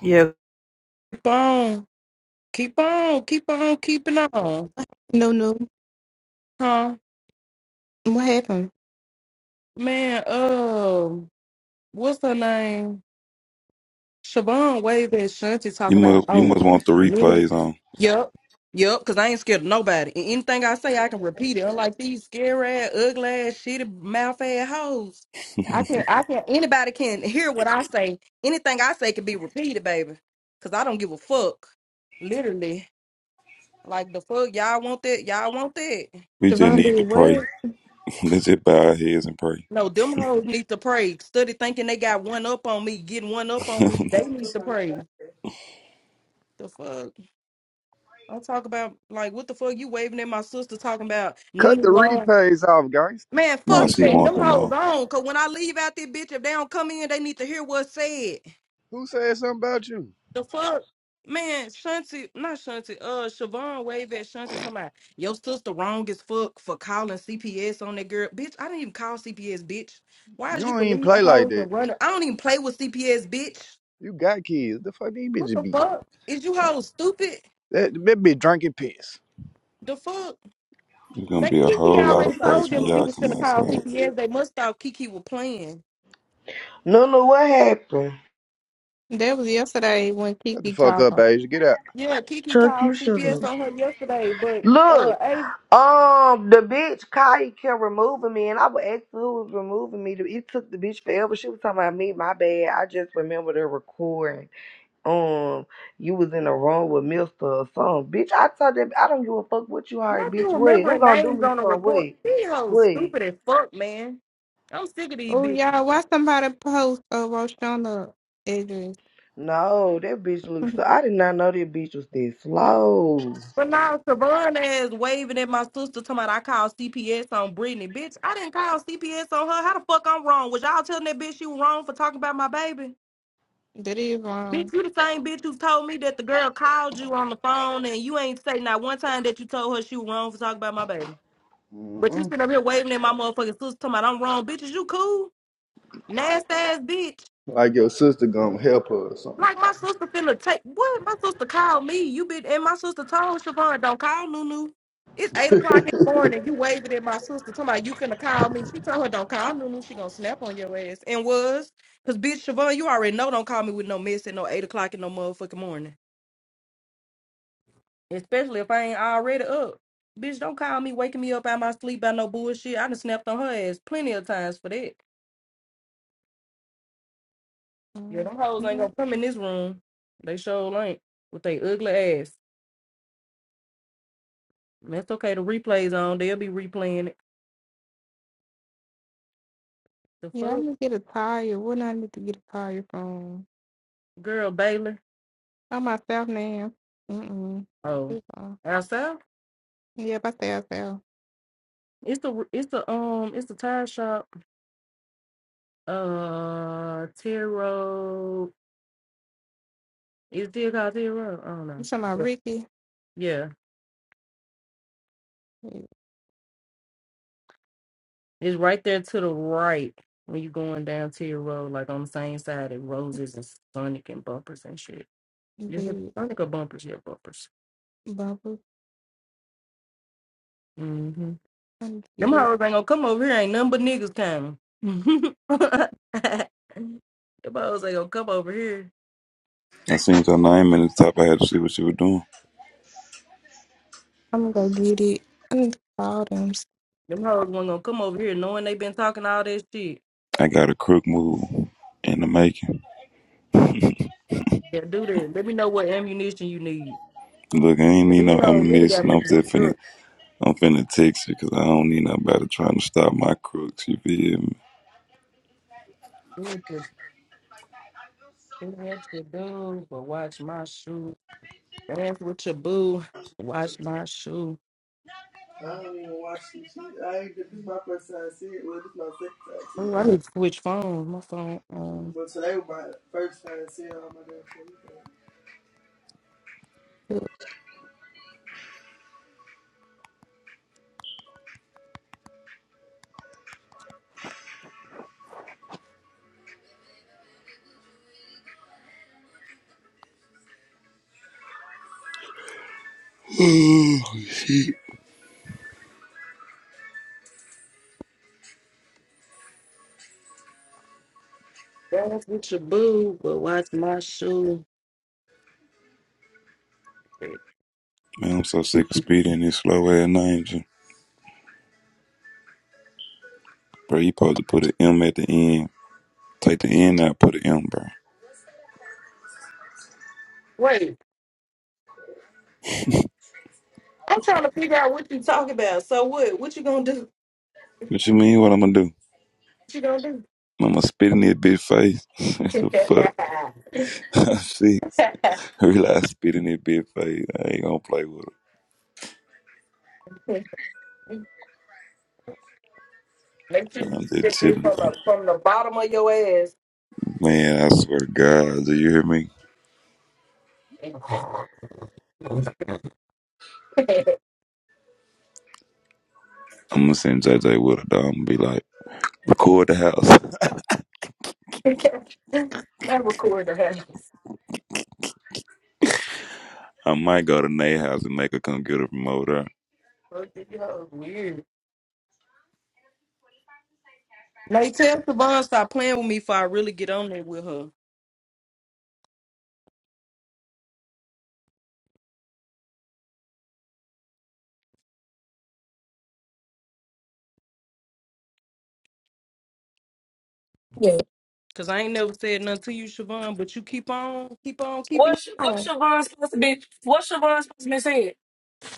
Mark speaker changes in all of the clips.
Speaker 1: Yeah. Keep on, keep on, keep on, keeping on.
Speaker 2: No, no.
Speaker 1: Huh?
Speaker 2: What happened?
Speaker 1: Man, um, what's her name? Siobhan Wave and Shanti talk
Speaker 3: You
Speaker 1: about,
Speaker 3: must you
Speaker 1: oh,
Speaker 3: must want the
Speaker 1: Lulu.
Speaker 3: replays on.
Speaker 1: Yep. Yep, because I ain't scared of nobody. And anything I say, I can repeat it. Unlike these scary ass, ugly ass, shitty mouth ass hoes. I can, I can, anybody can hear what I say. Anything I say can be repeated, baby. Because I don't give a fuck. Literally. Like the fuck, y'all want that? Y'all want that?
Speaker 3: We just
Speaker 2: Javon
Speaker 3: need to
Speaker 2: did
Speaker 3: pray.
Speaker 2: what?
Speaker 3: Let's just bow our heads and pray.
Speaker 1: No, them hoes need to pray. Study thinking they got one up on me, getting one up on me. They need to pray. The fuck? I'm talking about like what the fuck you waving at my sister talking about
Speaker 4: Cut
Speaker 1: Nunu
Speaker 4: the
Speaker 1: Long.
Speaker 4: repays off, guys.
Speaker 1: Man,
Speaker 3: nah,
Speaker 1: fuck
Speaker 3: she
Speaker 2: No.
Speaker 1: that.
Speaker 3: want
Speaker 1: Them
Speaker 3: them
Speaker 1: hoes
Speaker 3: all.
Speaker 1: on. Cause when I leave out this bitch, if they don't come in, they need to hear what's said.
Speaker 4: Who said something about you?
Speaker 1: The fuck? Man, Shanti, not Shanti, uh Siobhan wave at Shanti talking about your sister wrong as fuck for calling CPS on that girl. Bitch, I didn't even call CPS, bitch. Why
Speaker 4: You
Speaker 1: did you
Speaker 4: don't even
Speaker 1: believe the
Speaker 4: play like
Speaker 1: hoes
Speaker 4: that.
Speaker 1: and runner? I don't even play with CPS, bitch.
Speaker 4: You got kids. The fuck these
Speaker 1: What
Speaker 4: bitches
Speaker 1: the
Speaker 4: be?
Speaker 1: fuck? Is you hoes stupid?
Speaker 4: That that bitch drinking piss.
Speaker 1: The fuck?
Speaker 3: There's gonna
Speaker 1: They
Speaker 3: be a
Speaker 1: Kiki
Speaker 3: whole lot
Speaker 1: already
Speaker 3: of
Speaker 1: told
Speaker 3: praise
Speaker 1: them
Speaker 3: when
Speaker 1: she
Speaker 3: y'all
Speaker 1: was
Speaker 3: come
Speaker 1: gonna call
Speaker 3: outside.
Speaker 1: CPS. They must thought Kiki was playing.
Speaker 5: No, no, what happened?
Speaker 2: That was yesterday when
Speaker 4: Shut the
Speaker 2: Kiki
Speaker 4: fuck
Speaker 2: called.
Speaker 4: up,
Speaker 2: her.
Speaker 4: Asia. Get out.
Speaker 1: yeah, Kiki
Speaker 5: Chuck, you
Speaker 1: called
Speaker 5: shut
Speaker 1: CPS
Speaker 5: up.
Speaker 1: on her yesterday, but uh
Speaker 5: Look,
Speaker 1: hey,
Speaker 5: um, the bitch Kai kept removing me, and I would ask who was removing me. It took the bitch forever. She was talking about me. My bad. I just remember the recording. Um, you was in the room with Mister or something, bitch. I told that I don't give a fuck what you heard,
Speaker 1: not you
Speaker 5: bitch. Wait, who
Speaker 1: remembering
Speaker 5: gonna do
Speaker 1: names
Speaker 5: me
Speaker 1: on the
Speaker 5: some?
Speaker 1: record.
Speaker 5: Wait,
Speaker 1: These hoes
Speaker 5: wait.
Speaker 1: stupid as fuck, man. I'm sick of these
Speaker 2: Oh,
Speaker 1: bitches.
Speaker 2: y'all, why somebody post a Roshana address?
Speaker 5: No, that bitch looks. So, I did not know that bitch was this slow.
Speaker 1: But now Savon Savon ass waving at my sister talking about I called CPS on Brittany. Bitch, I didn't call CPS on her. How the fuck I'm wrong? Was y'all telling that bitch you wrong for talking about my baby?
Speaker 2: that is wrong.
Speaker 1: Bitch, you the same bitch who told me that the girl called you on the phone and you ain't say not one time that you told her she was wrong for talking about my baby. But you
Speaker 4: Mm-mm.
Speaker 1: sitting up here waving at my motherfucking sister talking about I'm wrong. Bitch, is you cool? Nasty ass bitch.
Speaker 4: Like your sister gonna help her or something.
Speaker 1: Like my sister finna take what? My sister called me. You been and my sister told Siobhan, don't call Nunu. It's eight o'clock in the morning. You waving at my sister. talking about you finna call me. She told her don't call Nunu. She gonna snap on your ass. And was. Cause bitch Siobhan, you already know don't call me with no mess at no eight o'clock in no motherfucking morning. especially if I ain't already up. Bitch, don't call me waking me up out my sleep by no bullshit. I done snapped on her ass plenty of times for that. Yeah,
Speaker 2: Mm,
Speaker 1: them hoes ain't
Speaker 2: mm.
Speaker 1: gonna come in this room. They sure ain't with they ugly ass. And That's okay. The replays on. They'll be replaying it. The
Speaker 2: Yeah, I
Speaker 1: fuck,
Speaker 2: need to get a tire. What I need to get a tire from?
Speaker 1: girl, Baylor.
Speaker 2: On myself now. Mm-mm. This
Speaker 1: Oh,
Speaker 2: is wrong.
Speaker 1: outside.
Speaker 2: Yep, I say myself.
Speaker 1: It's the it's the um it's the tire shop. Uh, Tiro. Is it still called Tiro? I don't
Speaker 2: You
Speaker 1: know.
Speaker 2: talking about Ricky?
Speaker 1: Yeah,
Speaker 2: Mm,
Speaker 1: It's right there to the right when you're going down to your road, like on the same side of roses and Sonic and bumpers and shit. Is it
Speaker 2: Baby,
Speaker 1: Sonic or bumpers? Yeah, bumpers.
Speaker 2: Bubba.
Speaker 1: Mm-hmm.
Speaker 2: I need to get
Speaker 1: Them
Speaker 2: it.
Speaker 1: hoes ain't gonna come over here. Ain't nothing but niggas coming. Them hoes ain't gonna come over here.
Speaker 3: I seen her name in the top. I had to see what she was doing.
Speaker 2: I'm gonna go get it. I need to call them.
Speaker 1: Them hoes ain't gonna come over here knowing they been talking all that shit.
Speaker 3: I got a crook move in the making.
Speaker 1: Yeah, do that. Let me know what ammunition you need.
Speaker 3: Look, I ain't need no
Speaker 1: These hoes really got
Speaker 3: ammunition.
Speaker 1: me
Speaker 3: I'm just
Speaker 1: fucked
Speaker 3: finna,
Speaker 1: up.
Speaker 3: I'm finna text you 'cause I don't need nobody trying to stop my crooks. You feel me?
Speaker 1: Do what you do, what you do, but watch my shoes. That's with your boo. Watch my shoe. Oh, I need to switch phones. My phone. Um,
Speaker 3: Oh, shit.
Speaker 1: that's with your boo, but watch my shoe.
Speaker 3: Man, I'm so sick of speeding this slow ass names. Bro, you supposed to put an M at the end. Take the end out, put an M, bro.
Speaker 1: Wait, I'm trying to figure out what you talking about. So what? What you gonna do?
Speaker 3: What you mean? What I'm gonna do?
Speaker 1: What you gonna do?
Speaker 3: I'm gonna spit in that bitch face. what the fuck? I'm six. I realize spit in that bitch face. I ain't gonna play with it.
Speaker 1: Make sure you
Speaker 3: I'm just
Speaker 1: get it
Speaker 3: chilling,
Speaker 1: from
Speaker 3: bro.
Speaker 1: the from the bottom of your ass.
Speaker 3: Man, I swear to God, do you hear me?
Speaker 1: And
Speaker 3: I'm gonna send J J with it, dog. I'm gonna be like, record the house.
Speaker 1: That recorder has.
Speaker 3: I might go to Nate house and make her come get it from over there.
Speaker 1: Fuck, you hoes weird. Now tell Savon stop playing with me before I really get on there with her.
Speaker 6: Yeah.
Speaker 1: Cause I ain't never said nothing to you, Siobhan, but you keep on, keep on, keeping
Speaker 6: What's what's
Speaker 1: on.
Speaker 6: your supposed to be? What's your supposed to be saying?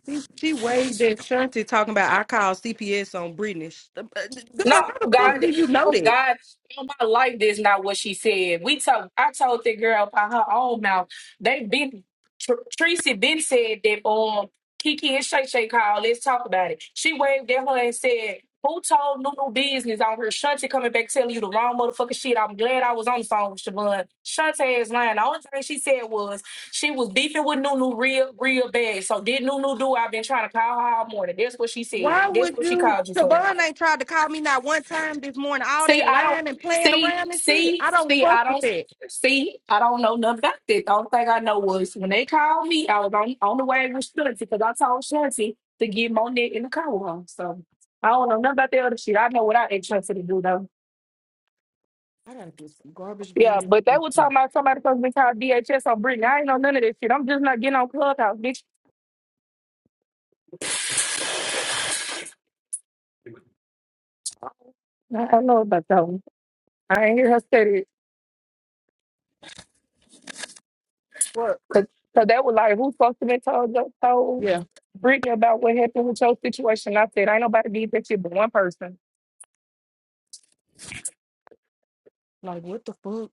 Speaker 1: She she waved at Shanti talking about I called CPS on Brittany. Sh- uh, uh, Girl,
Speaker 6: No,
Speaker 1: how
Speaker 6: oh
Speaker 1: the fuck
Speaker 6: God,
Speaker 1: do you know
Speaker 6: oh
Speaker 1: that?
Speaker 6: God, oh my life is not what she said. We told I told the girl by her own mouth. They been Tr- Tracy been said that um Kiki and Shay Shay called. Let's talk about it. She waved at her and said, "Who told Nunu business on her? Shante coming back telling you the wrong motherfucking shit." I'm glad I was on the phone with Siobhan. Shante is lying. The only thing she said was she was beefing with Nunu real, real bad. So did Nunu do? I've been trying to call her all morning. That's what she said.
Speaker 1: Why
Speaker 6: That's
Speaker 1: would
Speaker 6: what she
Speaker 1: you?
Speaker 6: called you for.
Speaker 1: Siobhan ain't tried to call me not one time this morning. All
Speaker 6: See,
Speaker 1: that
Speaker 6: I don't
Speaker 1: lying and playing
Speaker 6: see,
Speaker 1: around and shit.
Speaker 6: see,
Speaker 1: I don't
Speaker 6: see,
Speaker 1: fuck
Speaker 6: I
Speaker 1: with
Speaker 6: don't
Speaker 1: that.
Speaker 6: see, I don't know nothing about that. The only thing I know was when they called me, I was on, on the way with Shanti because I told Shanti to get Monet in the car with her. So I don't know nothing about the other shit. I know what I asked Shanti to do though.
Speaker 1: I gotta get some garbage
Speaker 6: Yeah,
Speaker 1: bags.
Speaker 6: but they
Speaker 1: and
Speaker 6: were
Speaker 1: some
Speaker 6: talking about somebody supposed to be called DHS on Brittany. I ain't know none of that shit. I'm just not getting on Clubhouse, bitch. I don't know about that one. I ain't hear her say it.
Speaker 1: Work.
Speaker 6: Cause, 'cause they were like, who supposed to be told, told?
Speaker 1: Yeah.
Speaker 6: Brittany about what happened with your situation. I said, ain't nobody did that shit but one person.
Speaker 1: Like what the fuck?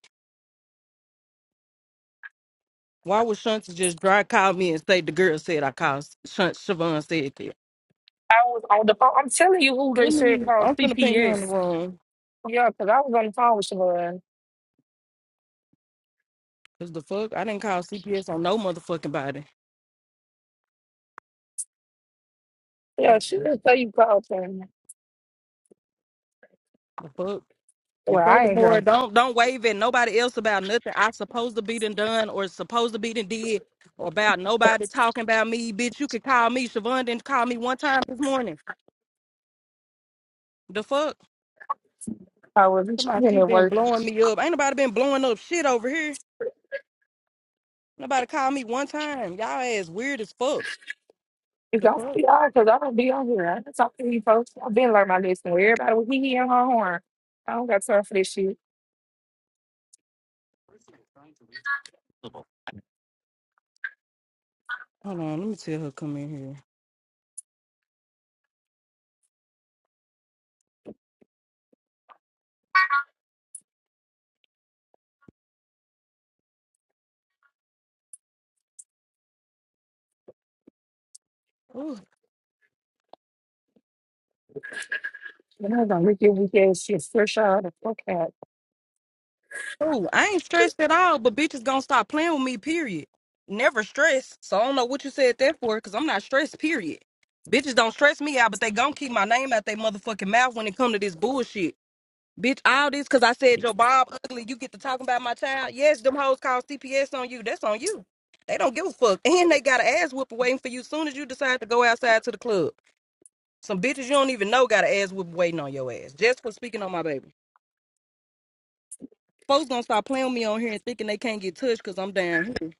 Speaker 1: Why would Shanti just dry call me and say the girl said I called Shunt Siobhan said that?
Speaker 6: I was on the phone. I'm telling you who they
Speaker 1: Let
Speaker 6: said
Speaker 1: me.
Speaker 6: called
Speaker 1: I'm finna ping her in the
Speaker 6: CPS.
Speaker 1: room.
Speaker 6: Yeah, because I was on the phone with Siobhan.
Speaker 1: Cause the fuck, I didn't call CPS on no motherfucking body.
Speaker 6: Yeah,
Speaker 1: Hold on,
Speaker 6: she didn't say you called him.
Speaker 1: The fuck. And
Speaker 6: Well, I ain't
Speaker 1: furthermore,
Speaker 6: here.
Speaker 1: don't don't wave at nobody else about nothing I supposed to be done done or supposed to be done did or about nobody talking about me, bitch. You could call me. Siobhan didn't call me one time this morning. The fuck?
Speaker 6: I wasn't
Speaker 1: Come on,
Speaker 6: trying
Speaker 1: she
Speaker 6: to
Speaker 1: been
Speaker 6: work.
Speaker 1: blowing me up. Ain't nobody been blowing up shit over here. Nobody called me one time. Y'all ass weird as fuck.
Speaker 6: It's
Speaker 1: The
Speaker 6: all for
Speaker 1: fuck?
Speaker 6: y'all because I don't be on here. I don't talk to you folks. I've been learning my lesson. Where everybody was hee hee and her horn. I don't got time for this shit.
Speaker 1: Hold on, let me tell her come in here. Ooh.
Speaker 6: And I was gonna look at weak ass shit fresh out of the fuck out.
Speaker 1: Ooh, I ain't stressed at all, but bitches gonna stop playing with me, period. Never stressed. So I don't know what you said that for, because I'm not stressed, period. Bitches don't stress me out, but they gonna keep my name out their motherfucking mouth when it come to this bullshit. Bitch, all this because I said your Bob ugly, you get to talking about my child. Yes, them hoes call CPS on you. That's on you. They don't give a fuck. And they got an ass whooping waiting for you as soon as you decide to go outside to the club. Some bitches you don't even know got an ass whooping waiting on your ass just for speaking on my baby. Folks gonna start playing with me on here and thinking they can't get touched because I'm down here.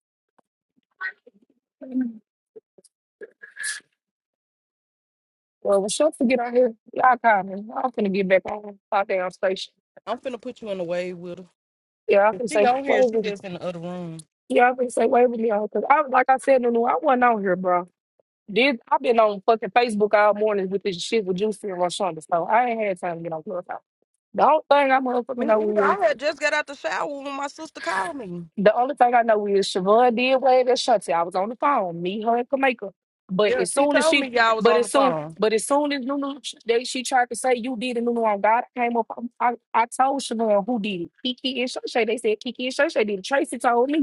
Speaker 6: Well, when she'll forget out here, y'all call me. I'm finna get back on my damn station.
Speaker 1: I'm finna put you in the wave with her.
Speaker 6: Yeah, I
Speaker 1: If
Speaker 6: can
Speaker 1: She
Speaker 6: say
Speaker 1: on here. She
Speaker 6: Waverly.
Speaker 1: just in the other room.
Speaker 6: Yeah, I can say Waverly on because I like I said, Nunu, I wasn't out here, bro. Did I've been on fucking Facebook all morning with this shit with Juicy and Rashonda, so I ain't had time to get on Clubhouse. The only thing I motherfucking
Speaker 1: Me either.
Speaker 6: know
Speaker 1: I
Speaker 6: is
Speaker 1: had just got out the shower when my sister called me.
Speaker 6: the only thing I know is Siobhan did wave at Shanti. I was on the phone, me, her, and Kamika. But
Speaker 1: Yeah,
Speaker 6: as
Speaker 1: she
Speaker 6: soon as
Speaker 1: told me
Speaker 6: she,
Speaker 1: y'all was
Speaker 6: but
Speaker 1: on the
Speaker 6: as soon,
Speaker 1: phone.
Speaker 6: but as soon as Nunu, they, she tried to say you did it, Nunu on God I came up. I, I, I told Siobhan who did it, Kiki and Shay. They said Kiki and Shay did it. Tracy told me.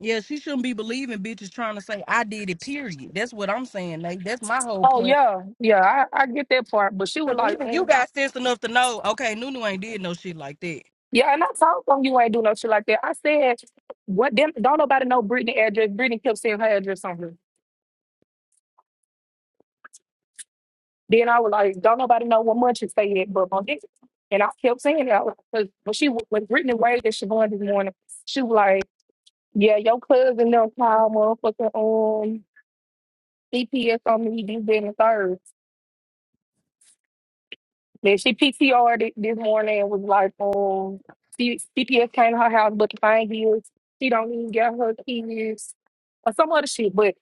Speaker 1: Yeah, she shouldn't be believing bitches trying to say I did it. Period. That's what I'm saying. Nate. That's my whole
Speaker 6: Oh
Speaker 1: point.
Speaker 6: yeah, yeah, I, I get that part. But she was
Speaker 1: Cause
Speaker 6: like,
Speaker 1: even you
Speaker 6: mm.
Speaker 1: got sense enough to know. Okay, Nunu ain't did no shit like that.
Speaker 6: yeah, and I told them you ain't do no shit like that. I said, what? Them, don't nobody know Brittany address. Brittany kept saying her address on her. Then I was like, don't nobody know what much you say it, but on this, and I kept saying that because when she when Brittany waved at Siobhan this morning, she was like, yeah, your cousin them call motherfucking um CPS on me, this, that, and the third. Then she PTR'd it this morning and was like, um, C- CPS came to her house looking for kids. She don't even get her keys or some other shit. But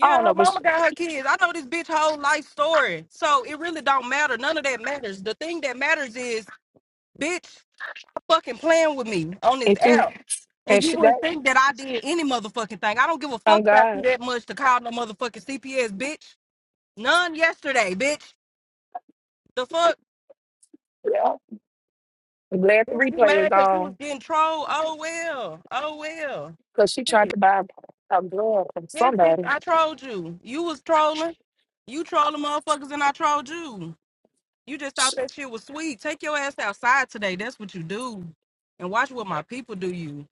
Speaker 6: I don't
Speaker 1: her
Speaker 6: know. But she,
Speaker 1: mama got her kids. I know this bitch whole life story. So it really don't matter. None of that matters. The thing that matters is, bitch. fucking playing with me on this
Speaker 6: and two
Speaker 1: app. And
Speaker 6: and
Speaker 1: you
Speaker 6: she that
Speaker 1: wouldn't think that I did any motherfucking thing. I don't give a fuck
Speaker 6: on
Speaker 1: about you
Speaker 6: God.
Speaker 1: that much to call no motherfucking CPS, bitch. None yesterday, bitch. The fuck?
Speaker 6: Yeah, I'm glad the
Speaker 1: Bitch, you
Speaker 6: replay is
Speaker 1: mad because you was
Speaker 6: on
Speaker 1: getting trolled? Oh, well. Oh, well.
Speaker 6: because she tried
Speaker 1: Shit.
Speaker 6: to buy a blood from
Speaker 1: Yes, bitch,
Speaker 6: somebody.
Speaker 1: I trolled you. You was trolling. You trolling motherfuckers and I trolled you. You just
Speaker 6: Sh
Speaker 1: thought that shit was sweet. Take your ass outside today. That's what you do. And watch what my people do you.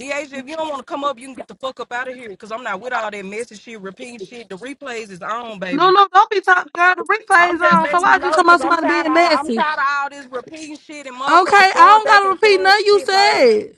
Speaker 1: Deasia, if you don't want to come up, you can get the fuck up out of here because I'm not with all that messy shit, repeat shit. The replays is on,
Speaker 7: No,
Speaker 1: baby.
Speaker 7: no, don't be talking, girl. The
Speaker 1: I'm
Speaker 7: replay's
Speaker 1: just
Speaker 7: on. So
Speaker 1: letting you
Speaker 7: why you
Speaker 1: know
Speaker 7: talking
Speaker 1: because
Speaker 7: about
Speaker 1: I'm
Speaker 7: somebody
Speaker 1: tired of
Speaker 7: being
Speaker 1: I'm
Speaker 7: messy?
Speaker 1: tired of all this repeating shit and
Speaker 7: Okay,
Speaker 1: motherfuckers
Speaker 7: I
Speaker 1: going
Speaker 7: don't
Speaker 1: back
Speaker 7: gotta
Speaker 1: and
Speaker 7: repeat
Speaker 1: saying
Speaker 7: nothing you
Speaker 1: shit like
Speaker 7: said.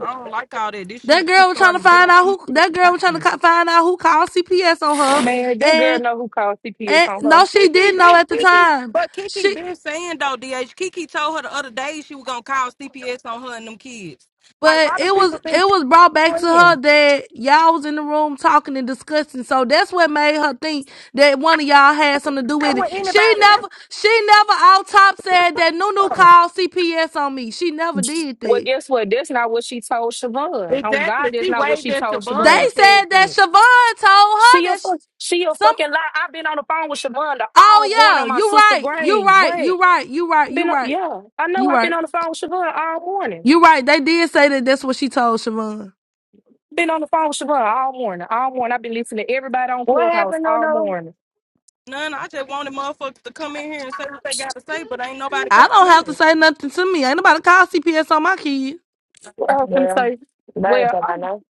Speaker 1: I don't like all that. This shit
Speaker 7: That
Speaker 1: is
Speaker 7: girl was trying to
Speaker 1: starting to get
Speaker 7: find
Speaker 1: on
Speaker 7: out
Speaker 1: my
Speaker 7: who. That girl
Speaker 1: motherfucking
Speaker 7: was trying to
Speaker 1: nerves.
Speaker 7: co- find out who called CPS on her,
Speaker 6: man, that girl
Speaker 7: and
Speaker 6: know who called CPS
Speaker 7: and
Speaker 6: on her.
Speaker 7: no, she
Speaker 1: Kiki
Speaker 7: didn't know
Speaker 1: been
Speaker 7: at the
Speaker 1: Kiki,
Speaker 7: time.
Speaker 1: but Kiki
Speaker 7: She,
Speaker 1: been saying though, DH. Kiki told her the other day she was gonna call CPS on her and them kids. Like,
Speaker 7: but
Speaker 1: why do
Speaker 7: it was
Speaker 1: people think
Speaker 7: it was brought
Speaker 1: she's
Speaker 7: back to her
Speaker 1: playing?
Speaker 7: that y'all was in the room talking and discussing. So that's what made her think that one of y'all had something to do
Speaker 1: Stay
Speaker 7: with it.
Speaker 1: with
Speaker 7: She
Speaker 1: anybody.
Speaker 7: never,
Speaker 1: That's
Speaker 7: she never out top said that Nunu
Speaker 1: wrong.
Speaker 7: called CPS on me. She never did
Speaker 6: Well,
Speaker 7: that.
Speaker 6: guess what? That's not what she told Siobhan. On God,
Speaker 1: Exactly.
Speaker 6: that's
Speaker 1: She
Speaker 6: not what
Speaker 1: waved
Speaker 6: she
Speaker 1: at
Speaker 6: told
Speaker 1: Siobhan
Speaker 7: They
Speaker 1: and
Speaker 6: Siobhan.
Speaker 1: said
Speaker 7: said that
Speaker 1: that.
Speaker 7: Siobhan told
Speaker 6: She
Speaker 7: her
Speaker 6: a
Speaker 7: that sh-
Speaker 6: fuck. She a
Speaker 7: some.
Speaker 6: fucking lie. I've been on the phone with Shavonda all morning
Speaker 7: Oh
Speaker 6: on
Speaker 7: yeah,
Speaker 6: my
Speaker 7: you
Speaker 6: sister
Speaker 7: right. You
Speaker 6: grave.
Speaker 7: right.
Speaker 6: What?
Speaker 7: You right. You right. You
Speaker 6: Been on-
Speaker 7: right.
Speaker 6: yeah. I know.
Speaker 7: You
Speaker 6: I've been
Speaker 7: right.
Speaker 6: on the phone with Shavonda all morning.
Speaker 7: You right. They did say that. That's what she told Siobhan.
Speaker 6: Been on the phone with Shavonda all morning. All morning. I've been listening to everybody on
Speaker 8: What
Speaker 6: Clubhouse
Speaker 8: happened, no
Speaker 6: all
Speaker 8: no?
Speaker 6: morning.
Speaker 1: None. I just wanted motherfuckers to come in here and say what they got to say, but ain't nobody
Speaker 7: I don't
Speaker 1: coming
Speaker 7: have to
Speaker 1: in.
Speaker 7: say nothing to me. Ain't nobody call CPS on my kid.
Speaker 6: What I was gonna
Speaker 8: Well,
Speaker 6: say?
Speaker 8: Larry
Speaker 6: Well,
Speaker 8: told
Speaker 6: i
Speaker 8: I know.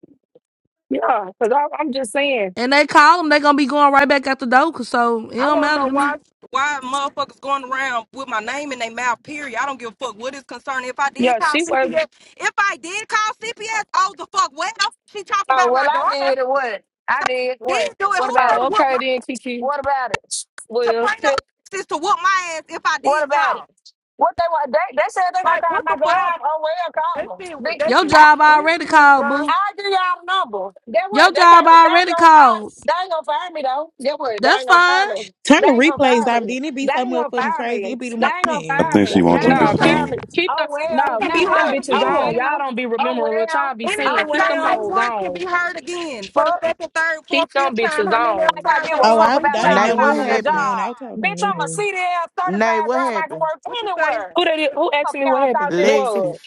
Speaker 6: yeah, because I'm just saying.
Speaker 7: And they call them, they gonna be going right back out the door. 'cause So it
Speaker 1: I
Speaker 7: don't
Speaker 1: want to
Speaker 7: matter
Speaker 1: know
Speaker 7: to me.
Speaker 1: why why motherfuckers going around with my name in their mouth. Period. I don't give a fuck what is concerning. If I
Speaker 6: Yeah,
Speaker 1: did call
Speaker 6: she was.
Speaker 1: CPS, if I did call CPS, oh the fuck well, she talked
Speaker 8: Oh
Speaker 1: about my
Speaker 8: well I
Speaker 1: daughter.
Speaker 8: did it what? I did
Speaker 1: Then
Speaker 8: what?
Speaker 1: do it.
Speaker 8: What
Speaker 1: Who's
Speaker 8: about it?
Speaker 1: gonna
Speaker 6: Oh,
Speaker 1: whoop
Speaker 6: okay
Speaker 1: my
Speaker 6: then, Kiki.
Speaker 8: What about it?
Speaker 6: Well,
Speaker 1: soprano
Speaker 6: t-
Speaker 1: is to whoop my ass if I
Speaker 8: What
Speaker 1: did
Speaker 8: about it?
Speaker 1: call?
Speaker 8: What they want they, they said they gonna
Speaker 1: Like
Speaker 8: call
Speaker 1: what
Speaker 8: my
Speaker 1: the fuck?
Speaker 8: job. Oh well
Speaker 1: That
Speaker 8: call them.
Speaker 1: shit
Speaker 8: They,
Speaker 1: that
Speaker 7: Your
Speaker 1: shit is
Speaker 8: I
Speaker 7: job
Speaker 8: get
Speaker 1: weird
Speaker 7: already
Speaker 1: to me,
Speaker 7: called,
Speaker 1: bro.
Speaker 7: boo.
Speaker 8: I give y'all the number. Get
Speaker 7: Your
Speaker 8: what? They
Speaker 7: job
Speaker 8: got they ain't
Speaker 7: already
Speaker 8: gonna fire
Speaker 7: called.
Speaker 8: they ain't gonna fire me though. Get what? They
Speaker 7: That's
Speaker 8: ain't gonna fire
Speaker 7: fine.
Speaker 8: me.
Speaker 9: Turn
Speaker 8: They
Speaker 9: the
Speaker 8: ain't gonna
Speaker 9: replays
Speaker 8: fire
Speaker 9: off.
Speaker 8: me.
Speaker 9: Then it be
Speaker 8: They
Speaker 9: so
Speaker 8: ain't gonna
Speaker 9: motherfucking
Speaker 8: fire me.
Speaker 9: crazy. It be the
Speaker 8: They
Speaker 9: mo-
Speaker 8: ain't gonna
Speaker 3: I
Speaker 8: fire
Speaker 9: man,
Speaker 3: think she
Speaker 9: yo.
Speaker 8: me. They
Speaker 3: want
Speaker 1: They
Speaker 8: ain't
Speaker 3: them
Speaker 6: nah,
Speaker 8: gonna
Speaker 1: think
Speaker 3: bitches
Speaker 1: that
Speaker 6: keep
Speaker 8: fire
Speaker 1: anything
Speaker 8: me.
Speaker 3: on.
Speaker 6: keep them.
Speaker 8: Oh well,
Speaker 6: No,
Speaker 1: can be
Speaker 8: now
Speaker 6: keep them
Speaker 1: heard
Speaker 8: what?
Speaker 6: bitches
Speaker 8: Oh
Speaker 6: on.
Speaker 1: again.
Speaker 6: Y'all
Speaker 8: well.
Speaker 6: don't be
Speaker 8: Oh
Speaker 6: remembering. Real
Speaker 8: well.
Speaker 6: child be saying,
Speaker 8: Oh
Speaker 1: Anything
Speaker 6: keep
Speaker 1: I
Speaker 6: them
Speaker 8: well.
Speaker 1: say
Speaker 6: hoes
Speaker 1: once can
Speaker 6: on.
Speaker 1: be heard again for the
Speaker 8: Fuck.
Speaker 1: second, third, fourth,
Speaker 6: Keep
Speaker 1: fifth
Speaker 6: them
Speaker 1: time,
Speaker 6: bitches
Speaker 1: how many other
Speaker 6: on.
Speaker 8: think I
Speaker 1: times
Speaker 8: give
Speaker 1: they
Speaker 8: a
Speaker 9: Oh,
Speaker 1: want to
Speaker 8: fuck
Speaker 9: I,
Speaker 8: about
Speaker 9: I didn't
Speaker 1: replay
Speaker 8: y'all
Speaker 10: Nay,
Speaker 9: know
Speaker 1: it.
Speaker 10: what
Speaker 9: Nunu
Speaker 8: calling a
Speaker 9: left for my
Speaker 10: happened?
Speaker 9: own. I
Speaker 8: job.
Speaker 9: was talking to
Speaker 8: Bitch, I'm a
Speaker 9: Nunu.
Speaker 8: CDL
Speaker 10: Nay,
Speaker 8: certified
Speaker 10: what
Speaker 8: driver. I can
Speaker 10: happened?
Speaker 8: work
Speaker 1: What you say?
Speaker 8: anywhere.
Speaker 6: Who that is? Who asked
Speaker 8: Fuck
Speaker 6: me what
Speaker 8: y'all thought
Speaker 6: happened?
Speaker 8: it
Speaker 6: Lexi.
Speaker 8: was.
Speaker 10: Lexus.